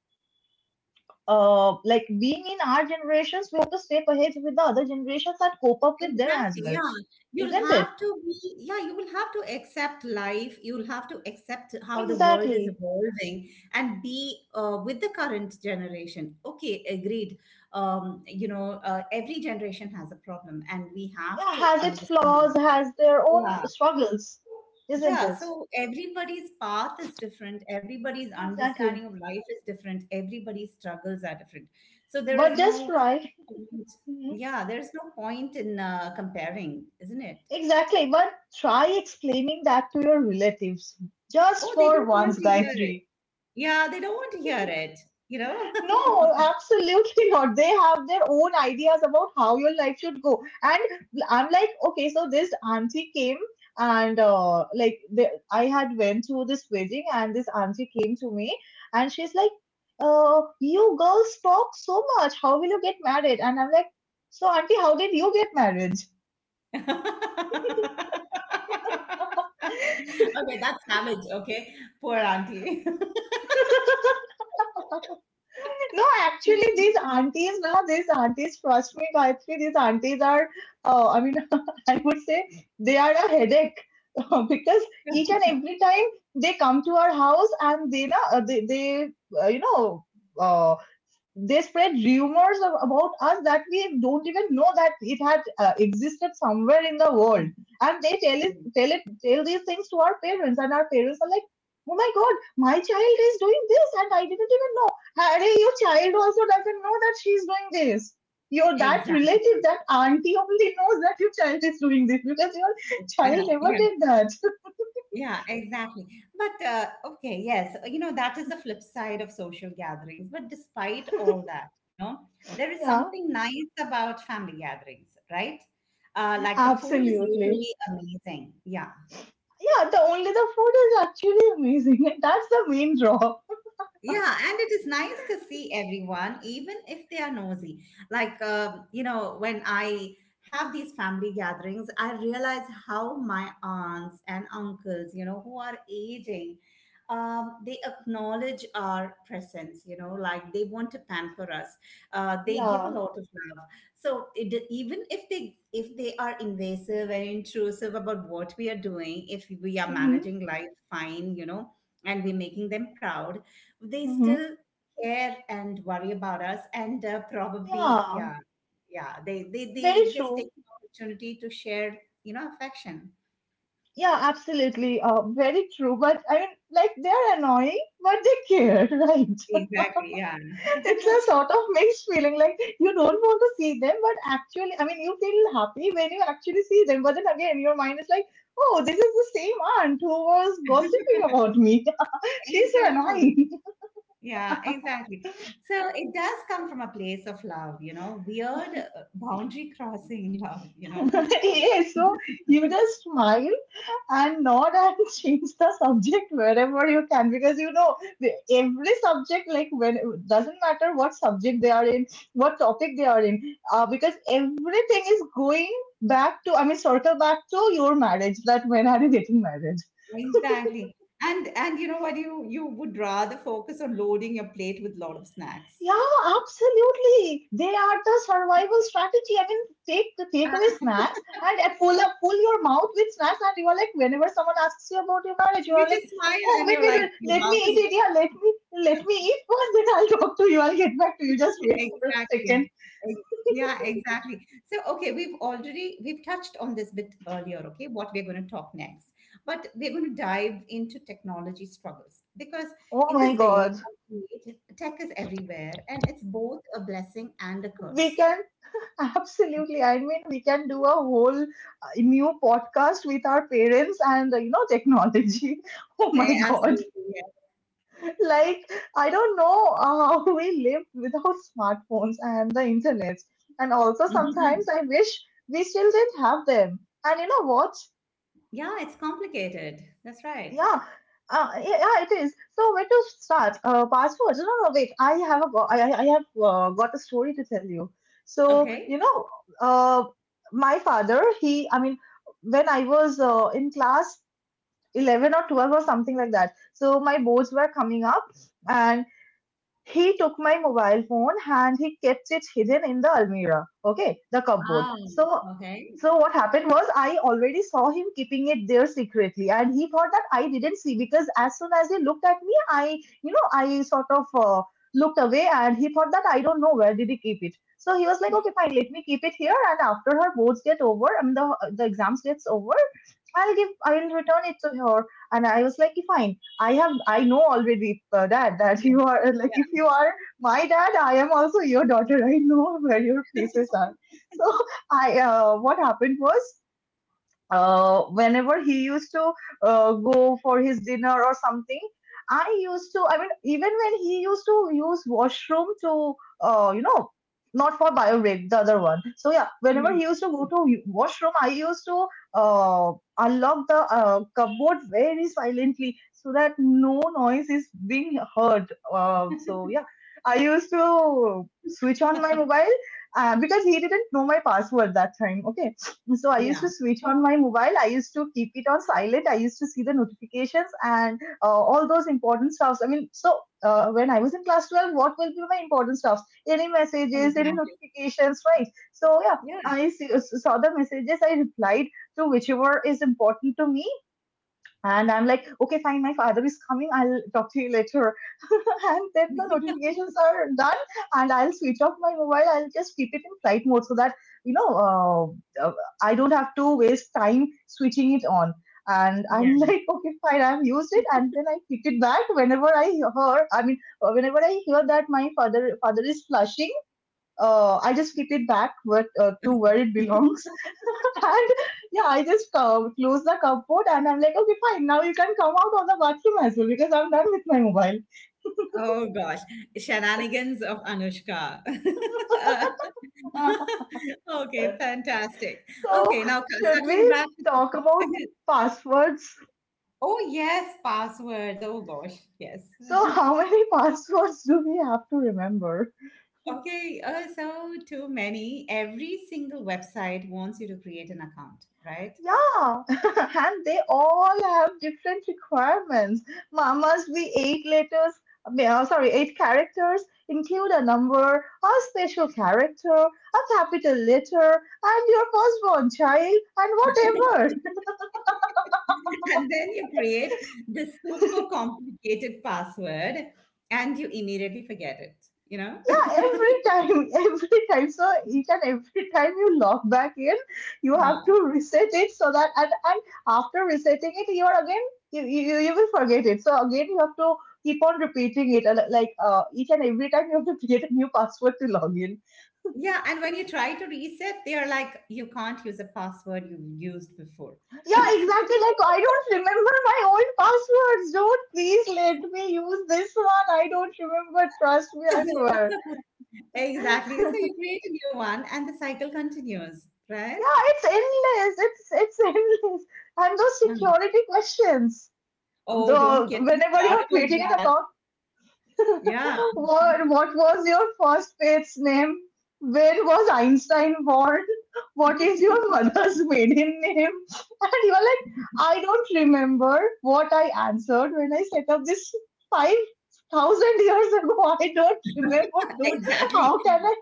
Speaker 2: uh, uh, like being in our generations, we have to step ahead with the other generations and cope up with them as
Speaker 1: exactly.
Speaker 2: well,
Speaker 1: Yeah, you'll
Speaker 2: isn't it?
Speaker 1: have to be, yeah, you will have to accept life. You'll have to accept how the world is
Speaker 2: Exactly.
Speaker 1: evolving and be uh, with the current generation. Okay, agreed. Um, you know, uh, every generation has a problem, and we have
Speaker 2: Yeah,
Speaker 1: to
Speaker 2: has its
Speaker 1: understand.
Speaker 2: flaws, has their own
Speaker 1: Yeah,
Speaker 2: struggles, isn't
Speaker 1: yeah.
Speaker 2: it?
Speaker 1: So everybody's path is different. Everybody's
Speaker 2: Exactly.
Speaker 1: understanding of life is different. Everybody's struggles are different. So there is
Speaker 2: But just
Speaker 1: no
Speaker 2: try.
Speaker 1: point.
Speaker 2: Mhm.
Speaker 1: Yeah, there's no point in uh, comparing, isn't it?
Speaker 2: Exactly. But try explaining that to your relatives. Just
Speaker 1: Oh, they
Speaker 2: for
Speaker 1: don't
Speaker 2: once,
Speaker 1: want to hear it.
Speaker 2: Gayatri.
Speaker 1: Yeah, they don't want to hear it, you know?
Speaker 2: No, absolutely not. They have their own ideas about how your life should go. And I'm like, okay, so this auntie came and uh, like the, I had went to this wedding and this auntie came to me and she's like, uh, you girls talk so much. How will you get married? And I'm like, so auntie, how did you get married?
Speaker 1: Okay, that's savage, okay? Poor auntie.
Speaker 2: No, actually, these aunties, now these aunties, trust me, Gayatri, these aunties are, uh, I mean, I would say they are a headache because each and every time they come to our house and they, na, uh, they, they uh, you know, uh, they spread rumors of, about us that we don't even know that it had uh, existed somewhere in the world, and they tell it tell it tell these things to our parents, and our parents are like, oh my god, my child is doing this and I didn't even know. Harry, your child also doesn't know that she's doing this. Your that
Speaker 1: Exactly.
Speaker 2: relative, that auntie only knows that your child is doing this because your child
Speaker 1: Yeah,
Speaker 2: never
Speaker 1: yeah.
Speaker 2: did that.
Speaker 1: Yeah, exactly. But uh, okay, yes, you know, that is the flip side of social gatherings. But despite all that, you know, there is
Speaker 2: Yeah,
Speaker 1: something nice about family gatherings, right? Uh, like, the food is
Speaker 2: absolutely.
Speaker 1: usually amazing. Yeah.
Speaker 2: Yeah, the only, the food is actually amazing, and that's the main draw.
Speaker 1: Yeah, and it is nice to see everyone, even if they are nosy. Like, um, you know, when I have these family gatherings, I realize how my aunts and uncles, you know, who are aging, um, they acknowledge our presence, you know, like they want to pamper us. Uh, they give a
Speaker 2: Yeah.
Speaker 1: lot of love. So it, even if they if they are invasive and intrusive about what we are doing, if we are
Speaker 2: Mm-hmm.
Speaker 1: managing life fine, you know, and we're making them proud, they
Speaker 2: Mm-hmm.
Speaker 1: still care and worry about us, and uh, probably,
Speaker 2: Yeah.
Speaker 1: yeah, yeah, they, they
Speaker 2: Very
Speaker 1: they just
Speaker 2: true.
Speaker 1: take the opportunity to share you know affection.
Speaker 2: Yeah, absolutely. Uh, very true. But I mean, like, they're annoying, but they care, right?
Speaker 1: Exactly, yeah.
Speaker 2: It's a sort of mixed feeling. Like, you don't want to see them, but actually, I mean, you feel happy when you actually see them. But then again, your mind is like, oh, this is the same aunt who was gossiping about me. She's so
Speaker 1: Exactly,
Speaker 2: annoying.
Speaker 1: yeah. Exactly, so it does come from a place of love, you know weird uh, boundary crossing love you know
Speaker 2: Yes. So you just smile and nod and change the subject wherever you can, because you know the- every subject, like when, doesn't matter what subject they are in, what topic they are in, uh, because everything is going back to, I mean, circle back to your marriage, that when are you getting married.
Speaker 1: Exactly. And and you know what, you you would rather focus on loading your plate with lot of snacks.
Speaker 2: Yeah, absolutely. They are the survival strategy. I mean, take take away snacks and uh, pull up, pull your mouth with snacks, and you are like, whenever someone asks you about your marriage, you
Speaker 1: You
Speaker 2: are like,
Speaker 1: just smile
Speaker 2: oh
Speaker 1: and
Speaker 2: wait,
Speaker 1: you're
Speaker 2: wait,
Speaker 1: like,
Speaker 2: wait,
Speaker 1: your
Speaker 2: let me
Speaker 1: mouth is
Speaker 2: eat it. Yeah, let me let me eat first, then I'll talk to you. I'll get back to you. Just wait for a second.
Speaker 1: exactly. Ex- yeah, exactly. So, okay, we've already we've touched on this bit earlier. Okay, what we're going to talk next, but we're going to dive into technology struggles, because
Speaker 2: Oh
Speaker 1: in
Speaker 2: my
Speaker 1: this day
Speaker 2: God,
Speaker 1: and age, tech is everywhere and it's both a blessing and a
Speaker 2: we
Speaker 1: curse.
Speaker 2: can absolutely. I mean, we can do a whole uh, new podcast with our parents and uh, you know, technology. Oh my
Speaker 1: Eh,
Speaker 2: God.
Speaker 1: absolutely,
Speaker 2: Like, I don't know how we lived without smartphones and the internet. And also,
Speaker 1: yeah.
Speaker 2: sometimes I wish we still did have them. And you know what?
Speaker 1: Yeah, it's complicated, that's right.
Speaker 2: Yeah. Uh, yeah, yeah, it is. So where to start? Uh, passwords? No, no, wait. I have a go- I, I I have uh, got a story to tell you. So you
Speaker 1: Okay.
Speaker 2: know, uh, my father. He, I mean, when I was uh, in class eleven or twelve or something like that. So my boards were coming up, and he took my mobile phone and he kept it hidden in the almirah, okay, the cupboard.
Speaker 1: Ah,
Speaker 2: So,
Speaker 1: okay,
Speaker 2: so what happened was I already saw him keeping it there secretly, and he thought that I didn't see, because as soon as he looked at me, I, you know, I sort of uh, looked away, and he thought that I don't know where did he keep it. So he was like, okay, fine, let me keep it here, and after her boards get over, I mean the the exams gets over, I'll give, I'll return it to her. And I was like, "Okay, fine. I have, I know already, uh, dad, that
Speaker 1: yeah,
Speaker 2: you are like, if
Speaker 1: yeah.
Speaker 2: you are my dad, I am also your daughter. I know where your places are. So I, uh, what happened was uh, whenever he used to uh, go for his dinner or something, I used to, I mean, even when he used to use washroom to uh, you know not for bio rape, the other one. So yeah, whenever he
Speaker 1: Mhm.
Speaker 2: used to go to washroom, I used to uh, unlock the uh, cupboard very silently so that no noise is being heard, uh, so yeah, I used to switch on my mobile, uh, because he didn't know my password that time, okay. So I used
Speaker 1: Yeah,
Speaker 2: to switch on my mobile. I used to keep it on silent. I used to see the notifications and uh, all those important stuffs. I mean, so uh, when I was in class twelve, what will be my important stuffs? Any messages, any
Speaker 1: exactly.
Speaker 2: notifications, right? So yeah,
Speaker 1: Yeah.
Speaker 2: I see, uh, saw the messages. I replied to whichever is important to me, and I'm like, okay, fine, my father is coming. I'll talk to you later. And then the notifications are done, and I'll switch off my mobile. I'll just keep it in flight mode so that, you know, uh, uh, I don't have to waste time switching it on. And I'm
Speaker 1: Yeah.
Speaker 2: like, okay, fine, I've used it. And then I click it back whenever I hear, I mean, uh, whenever I hear that my father father is flushing, uh, I just keep it back where, uh, to where it belongs. And yeah, I just um, close the cupboard and I'm like, okay, fine. Now you can come out of the bathroom as well because I'm done with my mobile.
Speaker 1: Oh gosh, shenanigans of Anushka. Uh, okay, fantastic.
Speaker 2: So,
Speaker 1: Okay, now c-
Speaker 2: should
Speaker 1: circling
Speaker 2: we
Speaker 1: back to
Speaker 2: talk about
Speaker 1: the—
Speaker 2: passwords?
Speaker 1: Oh yes, passwords. Oh gosh, yes.
Speaker 2: So, how many passwords do we have to remember?
Speaker 1: Okay, uh, so too many. Every single website wants you to create an account, right?
Speaker 2: Yeah, and they all have different requirements. Mamas, we eight letters, I mean, uh, sorry, eight characters, include a number, a special character, a capital letter, and your firstborn child, and whatever.
Speaker 1: And then you create this super complicated password, and you immediately forget it you know
Speaker 2: Yeah, every time, every time. So each and every time you log back in, you have to
Speaker 1: yeah,
Speaker 2: reset it, so that and, and after resetting it, you are again you, you you will forget it. So again, you have to keep on repeating it. and, Like uh, each and every time, you have to create a new password to log in.
Speaker 1: yeah. And when you try to reset, they are like, you can't use a password you've used before.
Speaker 2: Yeah, exactly. Like, I don't remember my old passwords. Don't, please let me use this one. I don't remember. Trust me, I swear.
Speaker 1: Exactly, so you create a new one and the cycle continues, right?
Speaker 2: Yeah, it's endless. It's it's endless. And those
Speaker 1: Mm.
Speaker 2: security questions.
Speaker 1: Oh,
Speaker 2: The
Speaker 1: don't get me
Speaker 2: Whenever you're
Speaker 1: started on
Speaker 2: creating an
Speaker 1: that.
Speaker 2: account,
Speaker 1: Yeah.
Speaker 2: what what was your first pets name? Where was Einstein born? What is your mother's maiden name? And you're like, I don't remember what I answered when I set up this five thousand years ago. I don't remember, dude.
Speaker 1: Exactly.
Speaker 2: How can I?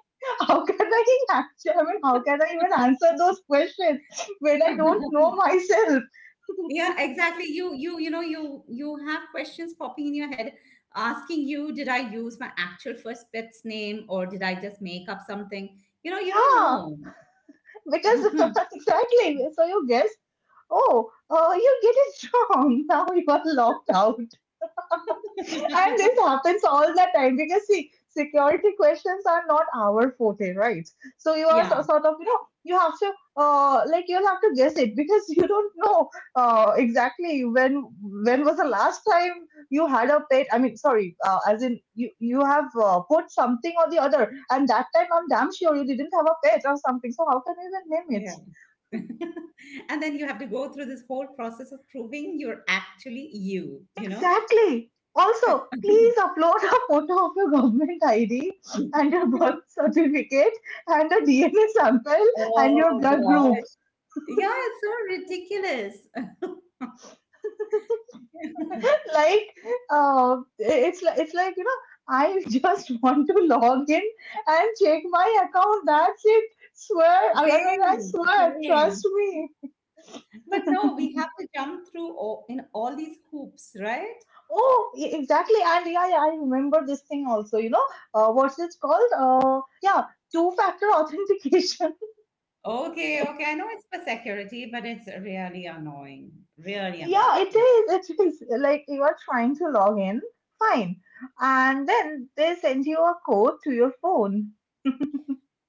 Speaker 2: How can I actually? I mean, how can I even answer those questions when I don't know myself?
Speaker 1: Yeah, exactly. You you you know you you have questions popping in your head, asking you, did I use my actual first pet's name, or did I just make up something? You know you don't
Speaker 2: Yeah,
Speaker 1: know.
Speaker 2: because exactly, so you guess, oh uh, you get it wrong, now you are locked out. And this happens all the time, because see, security questions are not our forte, right? So you are so,
Speaker 1: Yeah,
Speaker 2: sort of, you know, you have to, uh, like, you'll have to guess it because you don't know uh, exactly when when was the last time you had a pet. I mean sorry, uh, as in you you have uh, put something or the other, and that time I'm damn sure you didn't have a pet or something, so how can you even name it?
Speaker 1: yeah. And then you have to go through this whole process of proving you're actually you you know
Speaker 2: Exactly. Also, please upload a photo of your government I D and your birth certificate and a D N A sample and your
Speaker 1: Oh
Speaker 2: blood group.
Speaker 1: gosh, yeah, it's so ridiculous.
Speaker 2: Like, uh, it's like, it's like you know, I just want to log in and check my account. That's it. Swear, I I mean, I
Speaker 1: Same,
Speaker 2: swear.
Speaker 1: same.
Speaker 2: Trust me.
Speaker 1: But no, we have to jump through all, in all these hoops, right?
Speaker 2: Oh, e- exactly. And yeah, yeah, I remember this thing also. You know, uh, what's it called? Uh, yeah, two-factor authentication.
Speaker 1: Okay, okay. I know it's for security, but it's really annoying. Really annoying.
Speaker 2: Yeah, it
Speaker 1: Yeah.
Speaker 2: is. It is like you are trying to log in. Fine. And then they send you a code to your phone.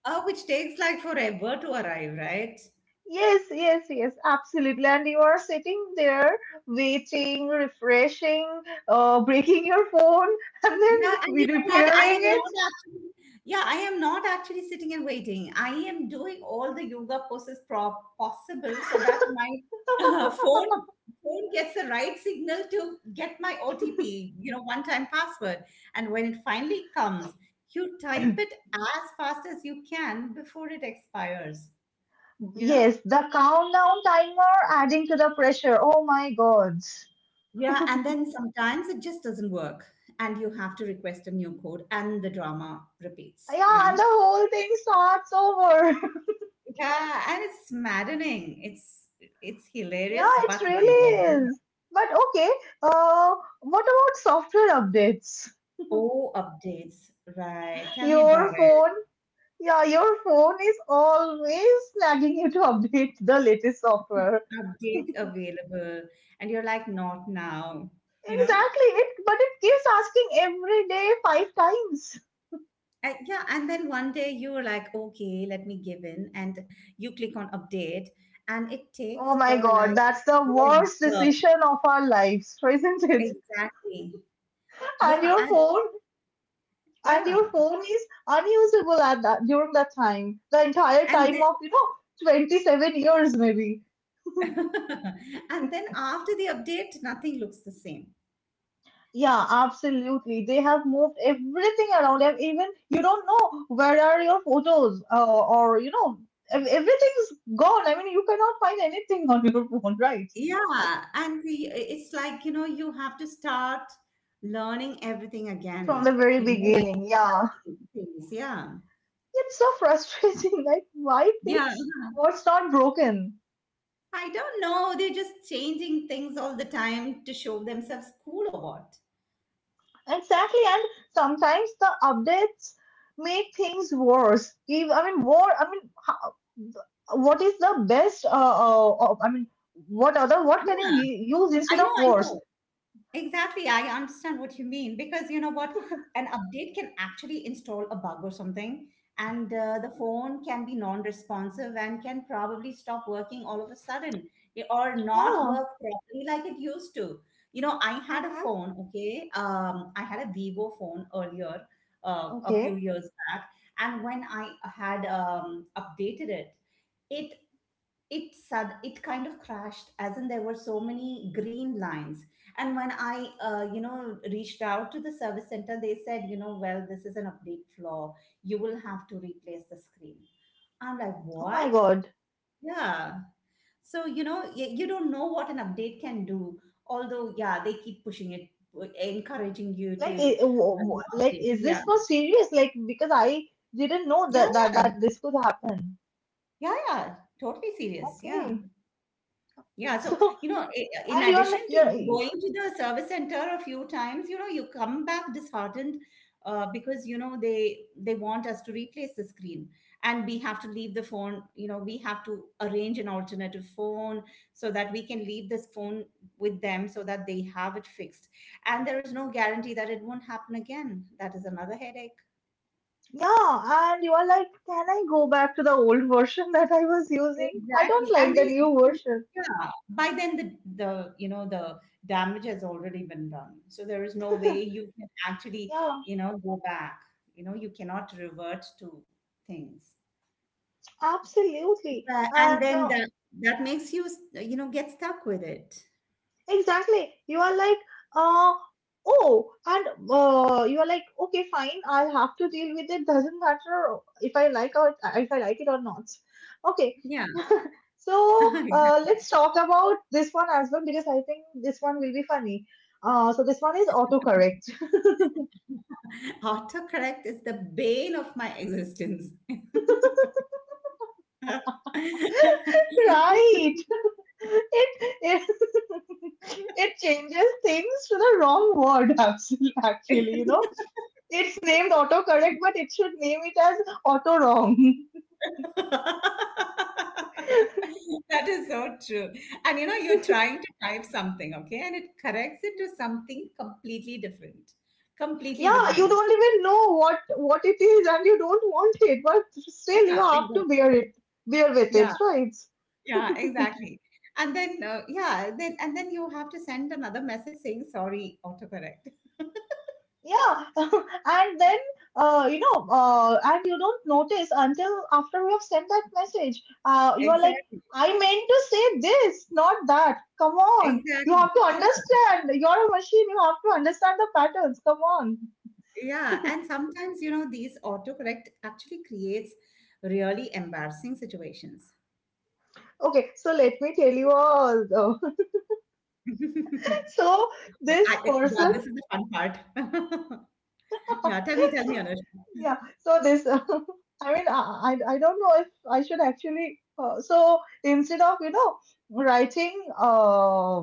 Speaker 1: Uh, which takes like forever to arrive, right?
Speaker 2: Yes, yes, yes, absolutely. And you are sitting there waiting, refreshing, uh, breaking your phone, and then
Speaker 1: Yeah, and
Speaker 2: we
Speaker 1: you know what? I
Speaker 2: repairing
Speaker 1: am not
Speaker 2: it.
Speaker 1: actually, yeah, I am not actually sitting and waiting. I am doing all the yoga poses pro possible so that my uh, phone phone gets the right signal to get my O T P, you know, one-time password. And when it finally comes, you type it as fast as you can before it expires, you know?
Speaker 2: Yes, the countdown timer adding to the pressure. Oh my God.
Speaker 1: Yeah, and then sometimes it just doesn't work, and you have to request a new code, and the drama repeats, you
Speaker 2: Yeah, and
Speaker 1: know?
Speaker 2: the whole thing starts over.
Speaker 1: Yeah, and it's maddening. It's it's
Speaker 2: Yeah,
Speaker 1: hilarious
Speaker 2: it
Speaker 1: but maddening.
Speaker 2: really is. But okay, uh, what about software updates?
Speaker 1: Oh, updates, right. Tell me about
Speaker 2: Your
Speaker 1: it.
Speaker 2: phone, yeah, your phone is always nagging you to update the latest software.
Speaker 1: Update available. And you're like, not now, you know?
Speaker 2: Exactly, it but it keeps asking every day five times.
Speaker 1: And yeah, and then one day you're like, okay, let me give in. And you click on update, and it
Speaker 2: Oh
Speaker 1: takes
Speaker 2: my
Speaker 1: for
Speaker 2: God,
Speaker 1: like
Speaker 2: that's the worst
Speaker 1: ever.
Speaker 2: decision of our lives, isn't it?
Speaker 1: Exactly.
Speaker 2: And
Speaker 1: Yeah,
Speaker 2: your
Speaker 1: and
Speaker 2: phone, and your
Speaker 1: yeah.
Speaker 2: phone is unusable at that, during that time, the entire
Speaker 1: And
Speaker 2: time
Speaker 1: then
Speaker 2: of, you know, twenty-seven years maybe.
Speaker 1: and then after the update, nothing looks the same.
Speaker 2: Yeah, absolutely. They have moved everything around. And even you don't know where are your photos, uh, or you know, ev- everything's gone. I mean, you cannot find anything on your phone, right?
Speaker 1: Yeah, and the, it's like, you know, you have to start learning everything
Speaker 2: From
Speaker 1: again,
Speaker 2: the very
Speaker 1: you know, like
Speaker 2: beginning. Yeah,
Speaker 1: relearning things. Yeah.
Speaker 2: it's so frustrating. Like, why
Speaker 1: Yeah.
Speaker 2: fix what's not broken?
Speaker 1: I don't know. They're just changing things all the time to show themselves cool or what.
Speaker 2: Exactly, and sometimes the updates make things worse. If, I mean, war. I mean, how, What is the best? Uh, uh, uh, I mean, what other? What can you
Speaker 1: Yeah.
Speaker 2: u- use
Speaker 1: I
Speaker 2: instead of
Speaker 1: know. I
Speaker 2: worse?
Speaker 1: know. Exactly, I understand what you mean, because you know what, an update can actually install a bug or something, and uh, the phone can be non-responsive and can probably stop working all of a sudden, eh, or not
Speaker 2: Yeah.
Speaker 1: work properly like it used to. You know, I had a
Speaker 2: Mm-hmm.
Speaker 1: phone, okay, um, I had a Vivo phone earlier, uh, a few
Speaker 2: Okay.
Speaker 1: years back, and when I had um, updated it. It it sud- it kind of crashed, as in there were so many green lines, and when I uh, you know reached out to the service center, they said, you know well, this is an update flaw, you will have to replace the screen. I'm like,
Speaker 2: Oh my
Speaker 1: what?
Speaker 2: God.
Speaker 1: Yeah, so, you know y- you don't know what an update can do, although yeah, they keep pushing it, uh, encouraging you
Speaker 2: Like,
Speaker 1: to
Speaker 2: i- w-
Speaker 1: uh, you
Speaker 2: w-
Speaker 1: know,
Speaker 2: like,
Speaker 1: update,
Speaker 2: is this
Speaker 1: yeah.
Speaker 2: for serious? Like, because I didn't know
Speaker 1: Yeah,
Speaker 2: that that
Speaker 1: yeah,
Speaker 2: that this could happen.
Speaker 1: yeah, yeah, totally serious, yeah.
Speaker 2: Okay.
Speaker 1: Yeah, so,
Speaker 2: So,
Speaker 1: you know, i- in
Speaker 2: and you're
Speaker 1: addition
Speaker 2: n- you're
Speaker 1: to going to the service center a few times, you know, you come back disheartened, uh, because you know they they want us to replace the screen, and we have to leave the phone. You know, we have to arrange an alternative phone so that we can leave this phone with them so that they have it fixed. And there is no guarantee that it won't happen again. That is another headache.
Speaker 2: yeah, and you are like, can I go back to the old version that I was using? I don't
Speaker 1: Exactly.
Speaker 2: like
Speaker 1: And
Speaker 2: the
Speaker 1: they,
Speaker 2: new version.
Speaker 1: yeah, by then the the you know the damage has already been done. So there is no way you can actually,
Speaker 2: Yeah,
Speaker 1: you know, go back. You know, you cannot revert to things.
Speaker 2: absolutely.
Speaker 1: But- and
Speaker 2: And
Speaker 1: then
Speaker 2: uh,
Speaker 1: that that makes you you know get stuck with it.
Speaker 2: exactly, you are like, uh, oh, and uh, you are like, okay, fine, I'll have to deal with it. Doesn't matter if I like or if I like it or not. Okay.
Speaker 1: Yeah.
Speaker 2: So uh, let's talk about this one as well because I think this one will be funny. Uh, so this one is autocorrect.
Speaker 1: Autocorrect is the bane of my existence.
Speaker 2: Right. It, it it changes things to the wrong word absolutely actually, you know. It's named autocorrect, but it should name it as auto wrong.
Speaker 1: That is so true. And you know, you're trying to type something, okay, and it corrects it to something completely different. Completely
Speaker 2: Yeah, you
Speaker 1: different.
Speaker 2: don't even know what what it is and you don't want it, but still you
Speaker 1: Yeah,
Speaker 2: have to
Speaker 1: exactly.
Speaker 2: bear it, bear with
Speaker 1: Yeah,
Speaker 2: it, right?
Speaker 1: yeah, exactly. And then, uh, yeah, then and then you have to send another message saying sorry, autocorrect.
Speaker 2: Yeah, and then uh, you know, uh, and you don't notice until after we have sent that message. Uh, you are like,
Speaker 1: Exactly.
Speaker 2: I meant to say this, not that. Come on, you
Speaker 1: Exactly.
Speaker 2: have to
Speaker 1: Yeah,
Speaker 2: understand. You're a machine. You have to understand the patterns. Come on.
Speaker 1: yeah. And sometimes, you know, these autocorrect actually creates really embarrassing situations.
Speaker 2: Okay, so let me tell you all. Though. So this
Speaker 1: I, yeah,
Speaker 2: person,
Speaker 1: this is the fun part. Yeah, tell me, tell me, Anushka.
Speaker 2: yeah, so this, I mean, I, I I don't know if I should actually. Uh, so instead of, you know, writing uh,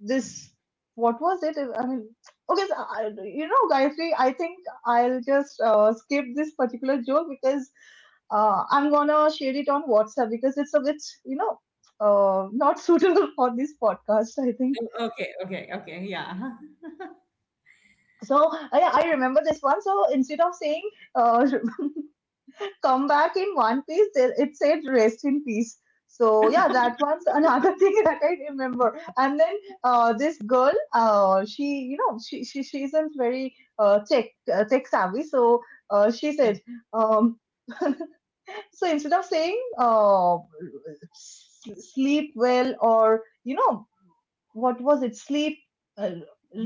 Speaker 2: this, what was it? I mean, okay, so I, you know, Gayatri, I think I'll just uh, skip this particular joke because uh, I'm gonna share it on WhatsApp because it's a bit, you know, uh, not suitable for this podcast, I think.
Speaker 1: Okay, okay, okay. Yeah.
Speaker 2: So I, I remember this one. So instead of saying uh, come back in one piece. There- It said rest in peace. So yeah, that was another thing that I remember. And then uh, this girl, uh, she you know she she, she isn't very uh, tech uh, tech savvy. So uh, she
Speaker 1: Yeah.
Speaker 2: said, um, so instead of saying uh, s- sleep well or you know what was it sleep uh,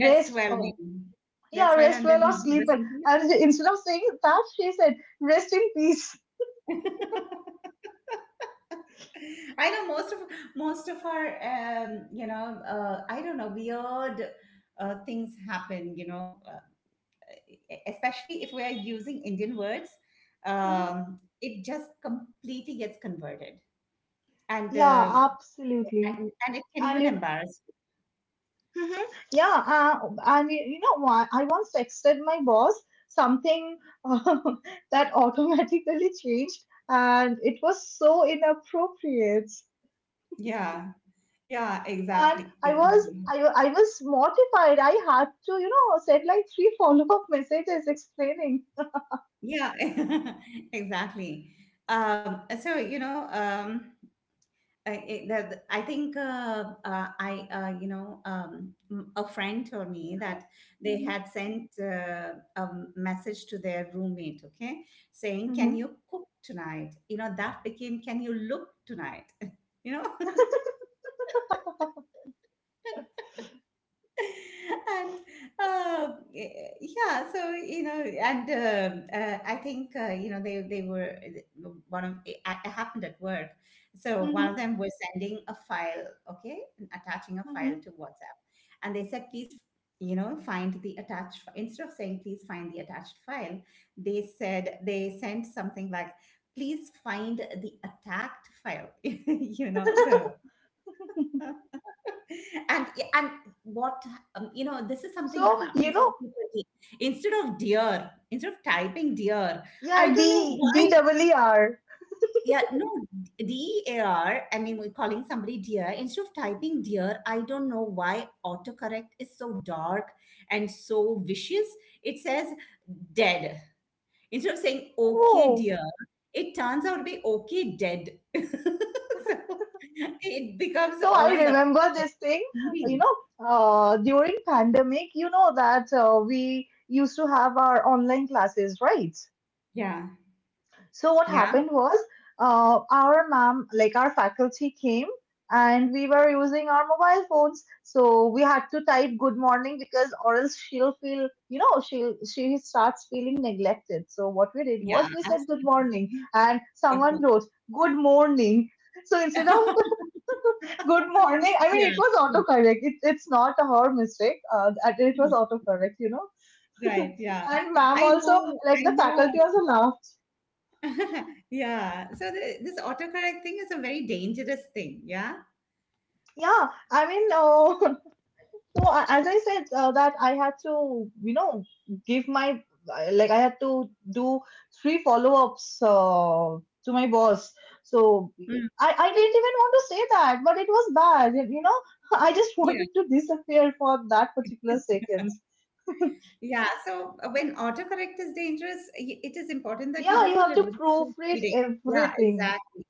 Speaker 1: Rest well,
Speaker 2: or
Speaker 1: maybe.
Speaker 2: yeah
Speaker 1: Rest well,
Speaker 2: rest
Speaker 1: and
Speaker 2: well
Speaker 1: then
Speaker 2: or
Speaker 1: maybe
Speaker 2: sleep
Speaker 1: rest
Speaker 2: well,
Speaker 1: in peace.
Speaker 2: and instead of saying that she said rest in peace.
Speaker 1: I know most of most of our, um, you know, uh, I don't know, weird uh, things happen. You know, uh, e- especially if we are using Indian words, um, it just completely gets converted, and
Speaker 2: Yeah,
Speaker 1: uh,
Speaker 2: absolutely.
Speaker 1: and, and it can
Speaker 2: And
Speaker 1: even
Speaker 2: you know,
Speaker 1: embarrass.
Speaker 2: mhm. Yeah, uh, and you you know what? I once texted my boss something uh, that automatically changed, and it was so inappropriate.
Speaker 1: You. Yeah. Yeah,
Speaker 2: And
Speaker 1: exactly,
Speaker 2: I was,
Speaker 1: exactly.
Speaker 2: I, wa- I was mortified. I had to, you know, send like three follow-up messages explaining.
Speaker 1: Yeah, exactly. Um, so you know, um, I, it, that I think uh, uh, I uh, you know um, m- a friend told me that they had sent uh, a message to their roommate, okay, saying,
Speaker 2: Mhm,
Speaker 1: "Can
Speaker 2: mhm.
Speaker 1: you cook tonight?" You know, that became, "Can you look tonight?" You know, and uh, y- yeah. so you know and um uh, I think uh, you know they they were one of it, it happened at work. So one
Speaker 2: Mm-hmm,
Speaker 1: of them was sending a file, okay, and attaching a file
Speaker 2: mm-hmm.
Speaker 1: to WhatsApp, and they said, "Please you know find the attached fi-" instead of saying, "Please find the attached file," they said, they sent something like, "Please find the attacked file." You know, so and yeah, and what. Um, you know this is something that
Speaker 2: So, you
Speaker 1: happens so
Speaker 2: know,
Speaker 1: frequently. Instead of dear, instead of typing dear, I
Speaker 2: yeah,
Speaker 1: don't know
Speaker 2: D,
Speaker 1: why.
Speaker 2: DEER.
Speaker 1: Yeah, no, D A R, I mean, we're calling somebody dear instead of typing dear. I don't know why autocorrect is so dark and so vicious. It says dead instead of saying okay
Speaker 2: Oh,
Speaker 1: dear. It turns out to be okay dead. So it becomes
Speaker 2: so I
Speaker 1: all the
Speaker 2: remember this thing, you know, uh, during pandemic, you know that uh, we used to have our online classes, right?
Speaker 1: yeah
Speaker 2: So what
Speaker 1: yeah.
Speaker 2: happened was, uh, our ma'am, like our faculty came, and we were using our mobile phones, so we had to type good morning because or else she'll feel, you know, she'll she starts feeling neglected. So what we did
Speaker 1: Yeah,
Speaker 2: was we said good
Speaker 1: absolutely.
Speaker 2: morning and someone wrote good morning. So instead of good morning. I
Speaker 1: Yeah.
Speaker 2: mean, it was
Speaker 1: Mhm.
Speaker 2: autocorrect. It, it's not her mistake. Uh, that it was
Speaker 1: Mhm.
Speaker 2: autocorrect, you know.
Speaker 1: Right. Yeah.
Speaker 2: And ma'am
Speaker 1: I
Speaker 2: also,
Speaker 1: know.
Speaker 2: like
Speaker 1: I
Speaker 2: the
Speaker 1: know.
Speaker 2: faculty also laughed.
Speaker 1: Yeah. So the, this autocorrect thing is a very dangerous thing. Yeah.
Speaker 2: Yeah, I mean, uh, so a- as I said, uh, that I had to, you know, give my, like I had to do three follow-ups uh, to my boss. So
Speaker 1: Mm.
Speaker 2: I, I didn't even want to say that, but it was bad, you know. I just
Speaker 1: Yeah.
Speaker 2: wanted to disappear for that particular seconds.
Speaker 1: Yeah. So uh, when autocorrect is dangerous, y- it is important that you
Speaker 2: Yeah, you
Speaker 1: do a
Speaker 2: have to
Speaker 1: little bit of
Speaker 2: proofread
Speaker 1: proofreading. Yeah,
Speaker 2: everything.
Speaker 1: exactly.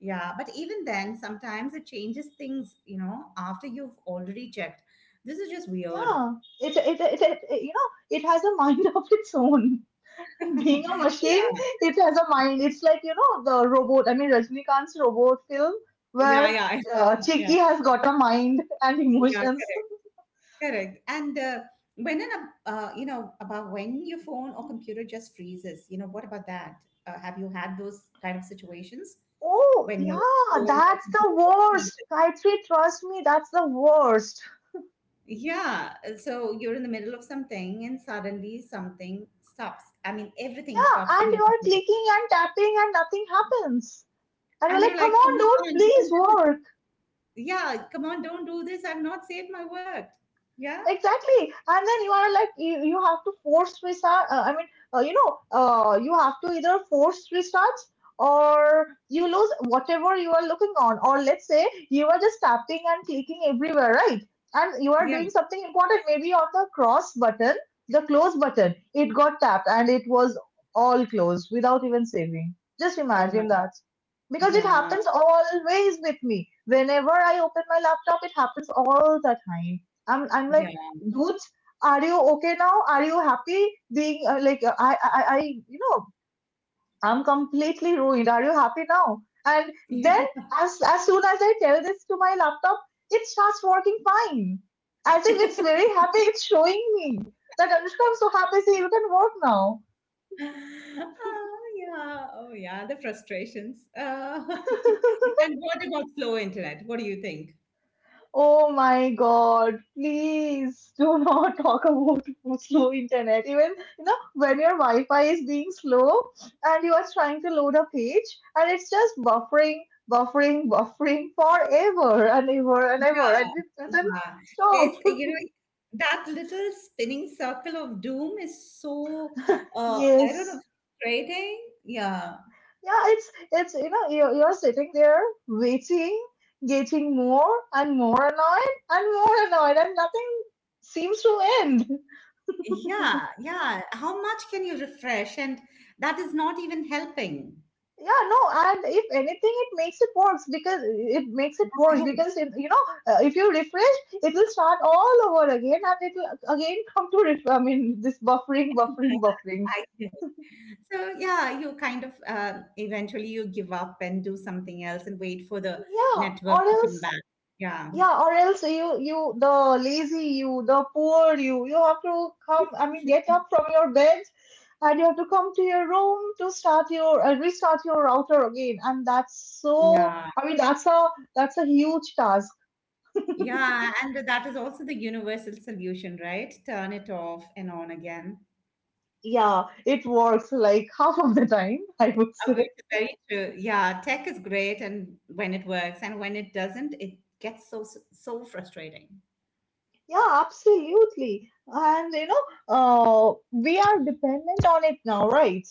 Speaker 1: Yeah. But even then, sometimes it changes things, you know, after you've already checked. This is just weird.
Speaker 2: Yeah, it it, it, it, it- you know it has a mind of its own, being a machine.
Speaker 1: Yeah.
Speaker 2: It has a mind. It's like, you know, the robot, I mean, Rajnikant's robot film,
Speaker 1: Yeah.
Speaker 2: where
Speaker 1: Yeah.
Speaker 2: uh,
Speaker 1: Yeah.
Speaker 2: Chiki has got a mind and
Speaker 1: Yeah.
Speaker 2: emotions.
Speaker 1: Correct. Correct. And uh, when an, uh, uh, you know, about when your phone or computer just freezes, you know, what about that? Uh, have you had those kind of situations
Speaker 2: Oh,
Speaker 1: when your
Speaker 2: yeah,
Speaker 1: phone or
Speaker 2: that's the
Speaker 1: computer just freezes?
Speaker 2: worst. Gayatri, trust me, that's the worst.
Speaker 1: Yeah. So you're in the middle of something, and suddenly something stops. I mean, everything
Speaker 2: Yeah,
Speaker 1: stops in
Speaker 2: and
Speaker 1: your
Speaker 2: you are
Speaker 1: computer.
Speaker 2: clicking and tapping and nothing happens. And you're
Speaker 1: And
Speaker 2: like,
Speaker 1: you're
Speaker 2: come
Speaker 1: like,
Speaker 2: on,
Speaker 1: come
Speaker 2: dude,
Speaker 1: on,
Speaker 2: please
Speaker 1: don't do this.
Speaker 2: work.
Speaker 1: Yeah, come on, don't do this. I've not saved my work. Yeah.
Speaker 2: Exactly, and then you are like, you, you have to force restart, uh, i mean uh, you know uh, you have to either force restart or you lose whatever you are looking on. Or let's say you are just tapping and clicking everywhere, right, and you are doing
Speaker 1: Yeah.
Speaker 2: something important, maybe on the cross button, the close button. It got tapped and it was all closed without even saving. Just
Speaker 1: Oh my.
Speaker 2: imagine that. Because it
Speaker 1: Yeah.
Speaker 2: happens always with me. Whenever I open my laptop, it happens all the time. I'm I'm like,
Speaker 1: Yeah.
Speaker 2: dudes, are you okay now? Are you happy being, uh, like uh, I, I I you know, I'm completely ruined? Are you happy now? And then as as soon as I tell this to my laptop, it starts working fine, as if it's very happy. It's showing me that, Anushka, I'm so happy, see, you can work now.
Speaker 1: Oh yeah, oh yeah, the frustrations. Uh, and what about slow internet? What do you think?
Speaker 2: Oh my God, please do not talk about slow internet. Even, you know, when your Wi-Fi is being slow and you are trying to load a page and it's just buffering, buffering, buffering forever and ever and
Speaker 1: Yeah,
Speaker 2: ever and it doesn't
Speaker 1: yeah.
Speaker 2: stop.
Speaker 1: It's, you know, that little spinning circle of doom is so uh, I don't know,
Speaker 2: Yes.
Speaker 1: frustrating. Yeah,
Speaker 2: Yeah, it's it's you know, you're, you're sitting there waiting, getting more and more annoyed and more annoyed and nothing seems to end.
Speaker 1: yeah, yeah. How much can you refresh? And that is not even helping.
Speaker 2: Yeah, no, and if anything, it makes it worse because it makes it worse because if, you know, uh, if you refresh, it will start all over again, and it will again come to ref- I mean this buffering, buffering, buffering.
Speaker 1: So yeah, you kind of uh, eventually you give up and do something else and wait for the
Speaker 2: Yeah,
Speaker 1: network
Speaker 2: or
Speaker 1: to come
Speaker 2: else,
Speaker 1: back. Yeah,
Speaker 2: yeah, or else you, you the lazy you the poor you you have to come, I mean get up from your bed, and you have to come to your room to start your, uh, restart your router again, and that's so,
Speaker 1: yeah,
Speaker 2: I mean that's a, that's a huge task.
Speaker 1: yeah, and that is also the universal solution, right? Turn it off and on again.
Speaker 2: Yeah, it works like half of the time, I would
Speaker 1: Uh, Which
Speaker 2: say.
Speaker 1: is very true. Yeah, tech is great, and when it works, and when it doesn't, it gets so so so frustrating.
Speaker 2: Yeah, absolutely. And you know, uh, we are dependent on it now, right?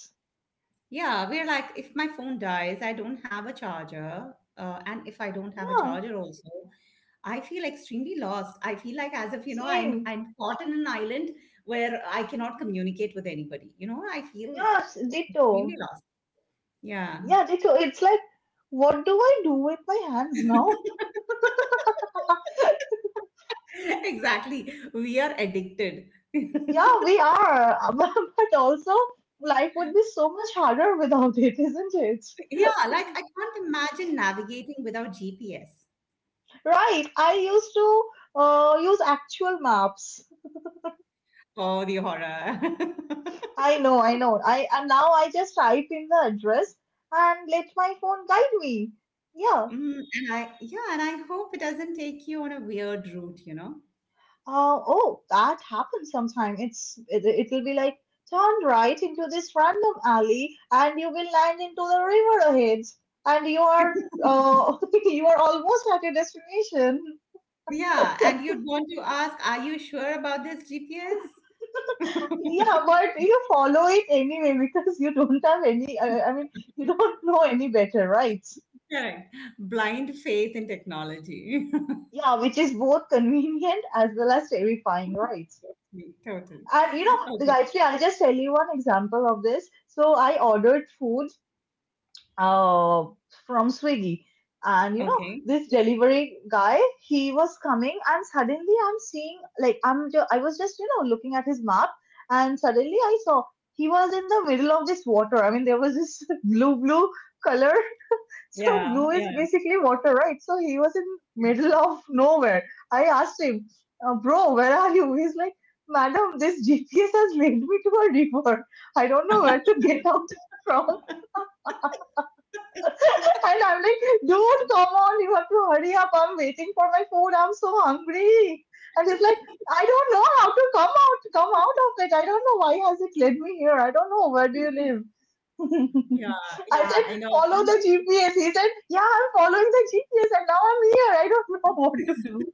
Speaker 1: Yeah, we're like, if my phone dies, I don't have a charger. Uh, and if I don't have a
Speaker 2: Yeah,
Speaker 1: charger also, I feel extremely lost. I feel like as if, you know, I'm
Speaker 2: same.
Speaker 1: I'm caught in an island where I cannot communicate with anybody. You know, I feel
Speaker 2: Yeah, s- ditto.
Speaker 1: extremely lost. Yeah,
Speaker 2: Yeah, ditto. It's like, what do I do with my hands now?
Speaker 1: exactly. We are addicted.
Speaker 2: Yeah, we are. But also, life would be so much harder without it, isn't it?
Speaker 1: Yeah, like I can't imagine navigating without G P S.
Speaker 2: Right. I used to uh, use actual maps.
Speaker 1: Oh, the horror.
Speaker 2: I know, I know. I, and now I just type in the address and let my phone guide me. Yeah.
Speaker 1: Mm, and I, yeah, and I hope it doesn't take you on a weird route, you know?
Speaker 2: Uh, oh, that happens sometime. It's it, it'll be like turn right into this random alley and you will land into the river ahead, and you are, uh, you are almost at your destination.
Speaker 1: Yeah, and you'd want to ask, are you sure about this G P S?
Speaker 2: Yeah, but you follow it anyway because you don't have any. I, I mean, you don't know any better, right?
Speaker 1: Correct. Blind faith in technology.
Speaker 2: Yeah, which is both convenient as well as terrifying, right?
Speaker 1: Totally, totally.
Speaker 2: And you know,
Speaker 1: Okay.
Speaker 2: Gayatri, I'll just tell you one example of this. So I ordered food uh, from Swiggy, and you know,
Speaker 1: Okay.
Speaker 2: this delivery guy, he was coming, and suddenly I'm seeing, like, I'm, ju- I was just, you know, looking at his map, and suddenly I saw he was in the middle of this water. I mean, there was this blue, blue color. So
Speaker 1: Yeah.
Speaker 2: blue is
Speaker 1: Yeah.
Speaker 2: basically water, right? So he was in middle of nowhere. I asked him, uh, bro, where are you? He's like, madam, this G P S has linked me to a river. I don't know where to get out from. And I'm like, dude, come on, you have to hurry up. I'm waiting for my food. I'm so hungry. And he's like, I don't know how to come out, come out of it. I don't know why has it led me here. I don't know. Where do you live?
Speaker 1: Yeah,
Speaker 2: I
Speaker 1: yeah,
Speaker 2: said,
Speaker 1: I know, I
Speaker 2: follow
Speaker 1: know.
Speaker 2: the G P S. He said, yeah, I'm following the G P S and now I'm here. I don't know what to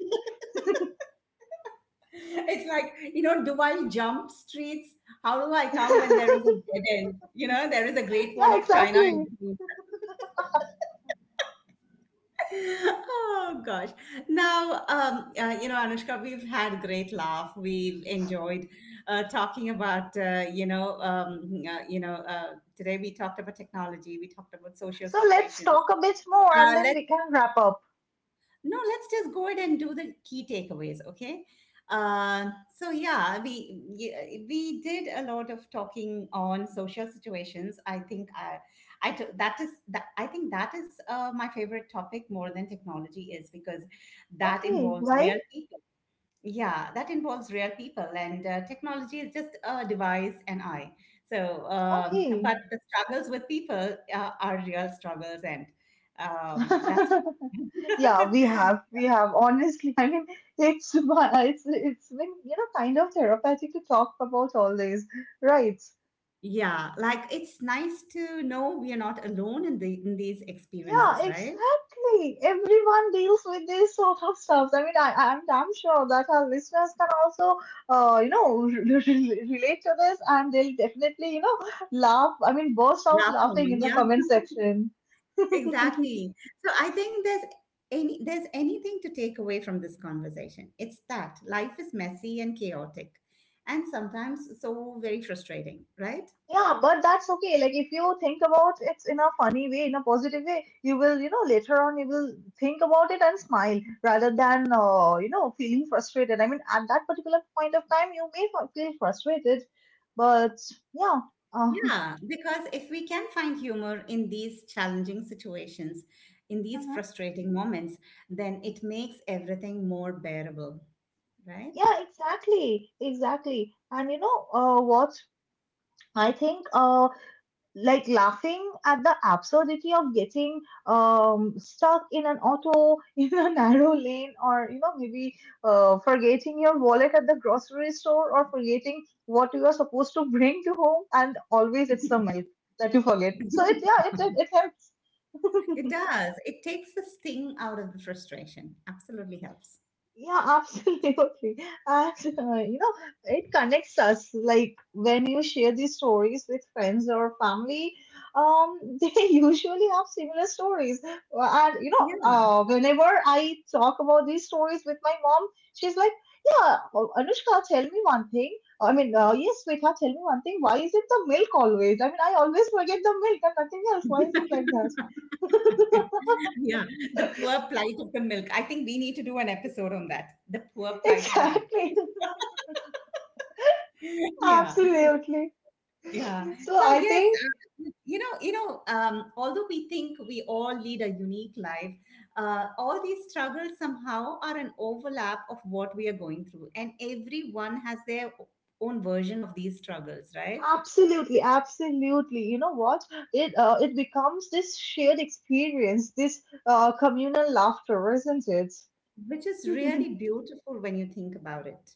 Speaker 1: It's like, you know, do I jump streets? How do I
Speaker 2: do.
Speaker 1: come when there is a dead end? You know, there is a Great
Speaker 2: Yeah,
Speaker 1: Wall of China in
Speaker 2: exactly.
Speaker 1: between. Oh gosh. Now, um, uh, you know, Anushka, we've had great laugh. We've enjoyed uh, talking about, uh, you know, um, uh, you know, uh, today we talked about technology. We talked about social
Speaker 2: So let's
Speaker 1: situations.
Speaker 2: talk a bit more and
Speaker 1: Uh,
Speaker 2: then
Speaker 1: let's
Speaker 2: we can wrap up.
Speaker 1: no, let's just go ahead and do the key takeaways, okay. Uh, so yeah, we y- we did a lot of talking on social situations. I think i i t- that is that I think that is uh, my favorite topic more than technology, is because that
Speaker 2: Okay,
Speaker 1: involves
Speaker 2: why?
Speaker 1: real people. Yeah, that involves real people, and uh, technology is just a device, and I so uh,
Speaker 2: Okay.
Speaker 1: but the struggles with people uh, are real struggles. And um, that's fun.
Speaker 2: Yeah, we have. We have. Honestly, I mean, it's it's it's been, you know, kind of therapeutic to talk about all this, right?
Speaker 1: Yeah, like it's nice to know we are not alone in the in these
Speaker 2: Yeah,
Speaker 1: experiences, right?
Speaker 2: exactly. Everyone deals with this sort of stuff. I mean, I, I'm damn sure that our listeners can also, uh, you know, relate to this and they'll definitely, you know, laugh. I mean, burst out
Speaker 1: Laugh
Speaker 2: laughing
Speaker 1: along.
Speaker 2: in the
Speaker 1: Yeah,
Speaker 2: comment section.
Speaker 1: exactly. So I think there's any there's anything to take away from this conversation, it's that life is messy and chaotic and sometimes so very frustrating, right?
Speaker 2: Yeah, but that's okay. Like, if you think about it in a funny way, in a positive way, you will, you know, later on, you will think about it and smile rather than, uh, you know, feeling frustrated. I mean, at that particular point of time, you may f- feel frustrated, but yeah. Uh,
Speaker 1: Yeah, because if we can find humor in these challenging situations, in these
Speaker 2: hmm.
Speaker 1: frustrating moments, then it makes everything more bearable, right?
Speaker 2: Yeah, exactly, exactly. And you know, uh, what I think, uh, like laughing at the absurdity of getting um stuck in an auto in a narrow lane, or you know, maybe uh, forgetting your wallet at the grocery store, or forgetting what you are supposed to bring to home, and always it's the milk that you forget. So it, yeah, it it, it helps.
Speaker 1: It does. It takes the sting out of the frustration. Absolutely helps.
Speaker 2: Yeah, absolutely. And uh, you know, it connects us. Like when you share these stories with friends or family, um, they usually have similar stories. Uh, And you know,
Speaker 1: Yeah,
Speaker 2: uh, whenever I talk about these stories with my mom, she's like, "Yeah, uh, Anushka, tell me one thing. I mean, uh, yes, Vika, tell me one thing. Why is it the milk always? I mean, I always forget the milk and nothing else. Why is it like that?"
Speaker 1: yeah. The poor plight of the milk. I think we need to do an episode on that. The poor plight of the milk.
Speaker 2: Exactly.
Speaker 1: Yeah,
Speaker 2: Absolutely.
Speaker 1: yeah.
Speaker 2: So
Speaker 1: So
Speaker 2: I
Speaker 1: yes,
Speaker 2: think
Speaker 1: you know, you know. Um, although we think we all lead a unique life, uh, all these struggles somehow are an overlap of what we are going through, and everyone has their own version of these struggles, right?
Speaker 2: Absolutely, absolutely. You know what? It uh, it becomes this shared experience, this uh, communal laughter, isn't it?
Speaker 1: Which is really beautiful when you think about it.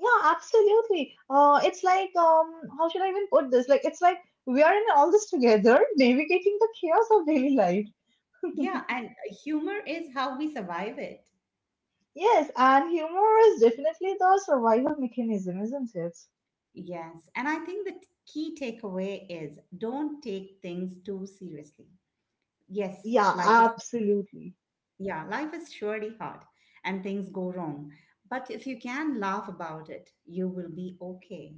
Speaker 2: Yeah, absolutely. Uh, it's like um, how should I even put this? Like it's like we are in all this together, navigating the chaos of daily life.
Speaker 1: Yeah, and humor is how we survive it.
Speaker 2: Yes, and humor is definitely the survival mechanism, isn't it?
Speaker 1: Yes, and I think the t- key takeaway is don't take things too seriously. Yes,
Speaker 2: Yeah,
Speaker 1: life is,
Speaker 2: absolutely.
Speaker 1: yeah, life is surely hard and things go wrong. But if you can laugh about it, you will be okay.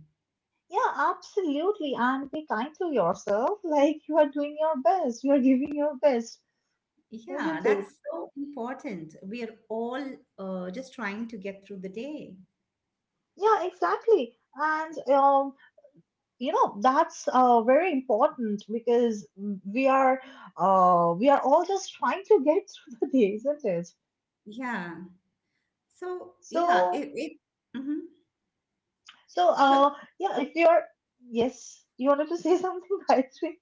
Speaker 2: Yeah, absolutely. And be kind to yourself. Like you are doing your best. You are giving your best.
Speaker 1: Yeah,
Speaker 2: Isn't it?
Speaker 1: that's so important. We are all uh, just trying to get through the day.
Speaker 2: Yeah, exactly. And um, you know that's uh, very important because we are uh, we are all just trying to get through the day, isn't it?
Speaker 1: Yeah. So, yeah,
Speaker 2: So
Speaker 1: it, it mhm.
Speaker 2: so uh, yeah, if you're yes, you wanted to say something, I think.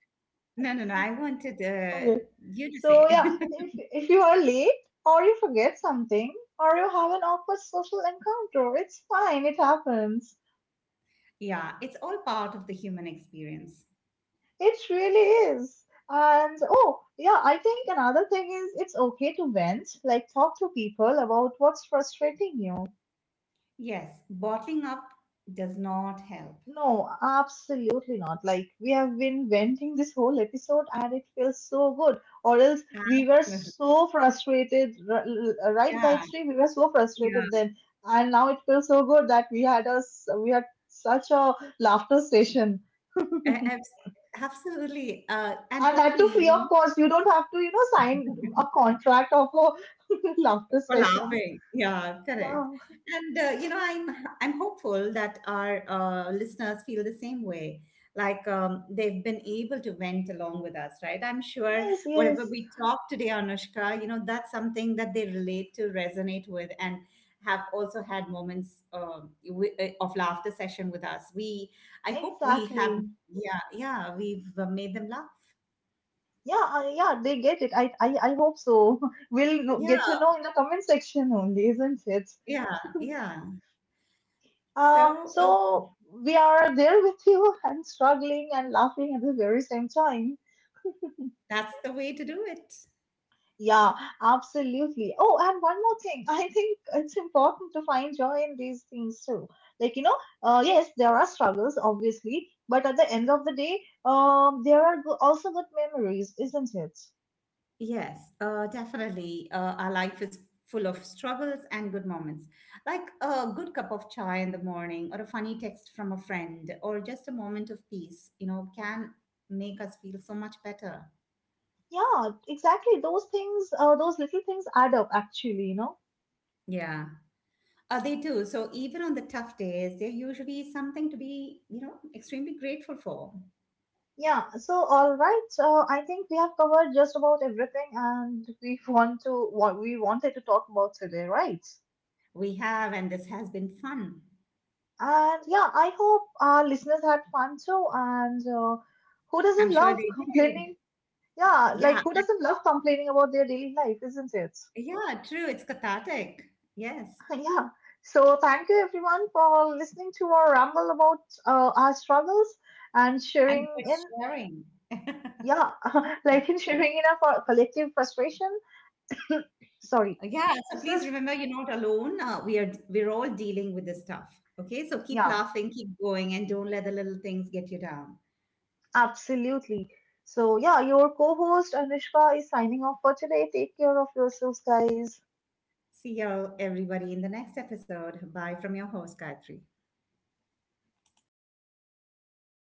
Speaker 1: No, no, no. I wanted uh,
Speaker 2: Okay.
Speaker 1: you to
Speaker 2: So
Speaker 1: say.
Speaker 2: yeah, if if you are late or you forget something or you have an awkward social encounter, it's fine. It happens.
Speaker 1: Yeah, it's all part of the human experience.
Speaker 2: It really is. And oh, yeah, I think another thing is it's okay to vent, like talk to people about what's frustrating you.
Speaker 1: Yes, bottling up does not help.
Speaker 2: No, absolutely not. Like, we have been venting this whole episode and it feels so good. Or else we were
Speaker 1: Absolutely.
Speaker 2: so frustrated, r- l- right,
Speaker 1: Yeah,
Speaker 2: Gayatri? We were so
Speaker 1: yeah,
Speaker 2: frustrated then. And now it feels so good that we had us, we had such a laughter session.
Speaker 1: a- abs- absolutely. Uh, and
Speaker 2: And that too
Speaker 1: hopefully,
Speaker 2: free
Speaker 1: you
Speaker 2: of
Speaker 1: know,
Speaker 2: cost. You don't have to, you know, sign a contract of a laughter
Speaker 1: for
Speaker 2: session.
Speaker 1: laughing. Yeah,
Speaker 2: Yeah.
Speaker 1: correct. And uh, you know, I'm I'm hopeful that our uh, listeners feel the same way. Like um, they've been able to vent along with us, right? I'm sure
Speaker 2: Yes,
Speaker 1: whatever
Speaker 2: yes.
Speaker 1: we talk today, Anushka, you know, that's something that they relate to, resonate with, and have also had moments um, wi- uh, of laughter session with us. We, I hope we have,
Speaker 2: Exactly.
Speaker 1: yeah, yeah, we've uh, made them laugh.
Speaker 2: Yeah, uh, yeah, they get it. I, I, I hope so. We'll know-
Speaker 1: Yeah,
Speaker 2: get to know in the comment section only, isn't it?
Speaker 1: yeah, yeah.
Speaker 2: Uh,
Speaker 1: So uh,
Speaker 2: so we are there with you and struggling and laughing at the very same time.
Speaker 1: that's the way to do it.
Speaker 2: Yeah, absolutely. Oh, and one more thing. I think it's important to find joy in these things too. Like, you know, uh, yes, there are struggles, obviously, but at the end of the day, um, there are go- also good memories, isn't it?
Speaker 1: Yes, uh, definitely. Uh, our life is full of struggles and good moments, like a good cup of chai in the morning, or a funny text from a friend, or just a moment of peace, you know, can make us feel so much better.
Speaker 2: Yeah, exactly. Those things, uh, those little things add up, actually, you know.
Speaker 1: Yeah, uh, they do. So even on the tough days, they're usually something to be, you know, extremely grateful for.
Speaker 2: Yeah, so all right. Uh, I think we have covered just about everything, and we want to what we wanted to talk about today, right?
Speaker 1: We have, and this has been fun.
Speaker 2: And yeah, I hope our listeners had fun too. And uh, who
Speaker 1: I'm
Speaker 2: doesn't
Speaker 1: sure
Speaker 2: love
Speaker 1: they did.
Speaker 2: complaining? Yeah, like
Speaker 1: Yeah,
Speaker 2: who doesn't love complaining about their daily life, isn't it?
Speaker 1: yeah, true. It's cathartic. Yes,
Speaker 2: Yeah. So thank you everyone for listening to our ramble about uh, our struggles and
Speaker 1: and
Speaker 2: sharing
Speaker 1: for
Speaker 2: in,
Speaker 1: sharing.
Speaker 2: yeah, like in sharing in our collective frustration. Sorry,
Speaker 1: Yeah, so
Speaker 2: this
Speaker 1: please
Speaker 2: is,
Speaker 1: remember you're not alone. Uh, we are we're all dealing with this stuff. Okay, so keep
Speaker 2: yeah,
Speaker 1: laughing, keep going, and don't let the little things get you down.
Speaker 2: absolutely. So yeah, your co-host Anushka is signing off for today. Take care of yourselves, guys.
Speaker 1: See you all, everybody, in the next episode. Bye from your host, Gayatri.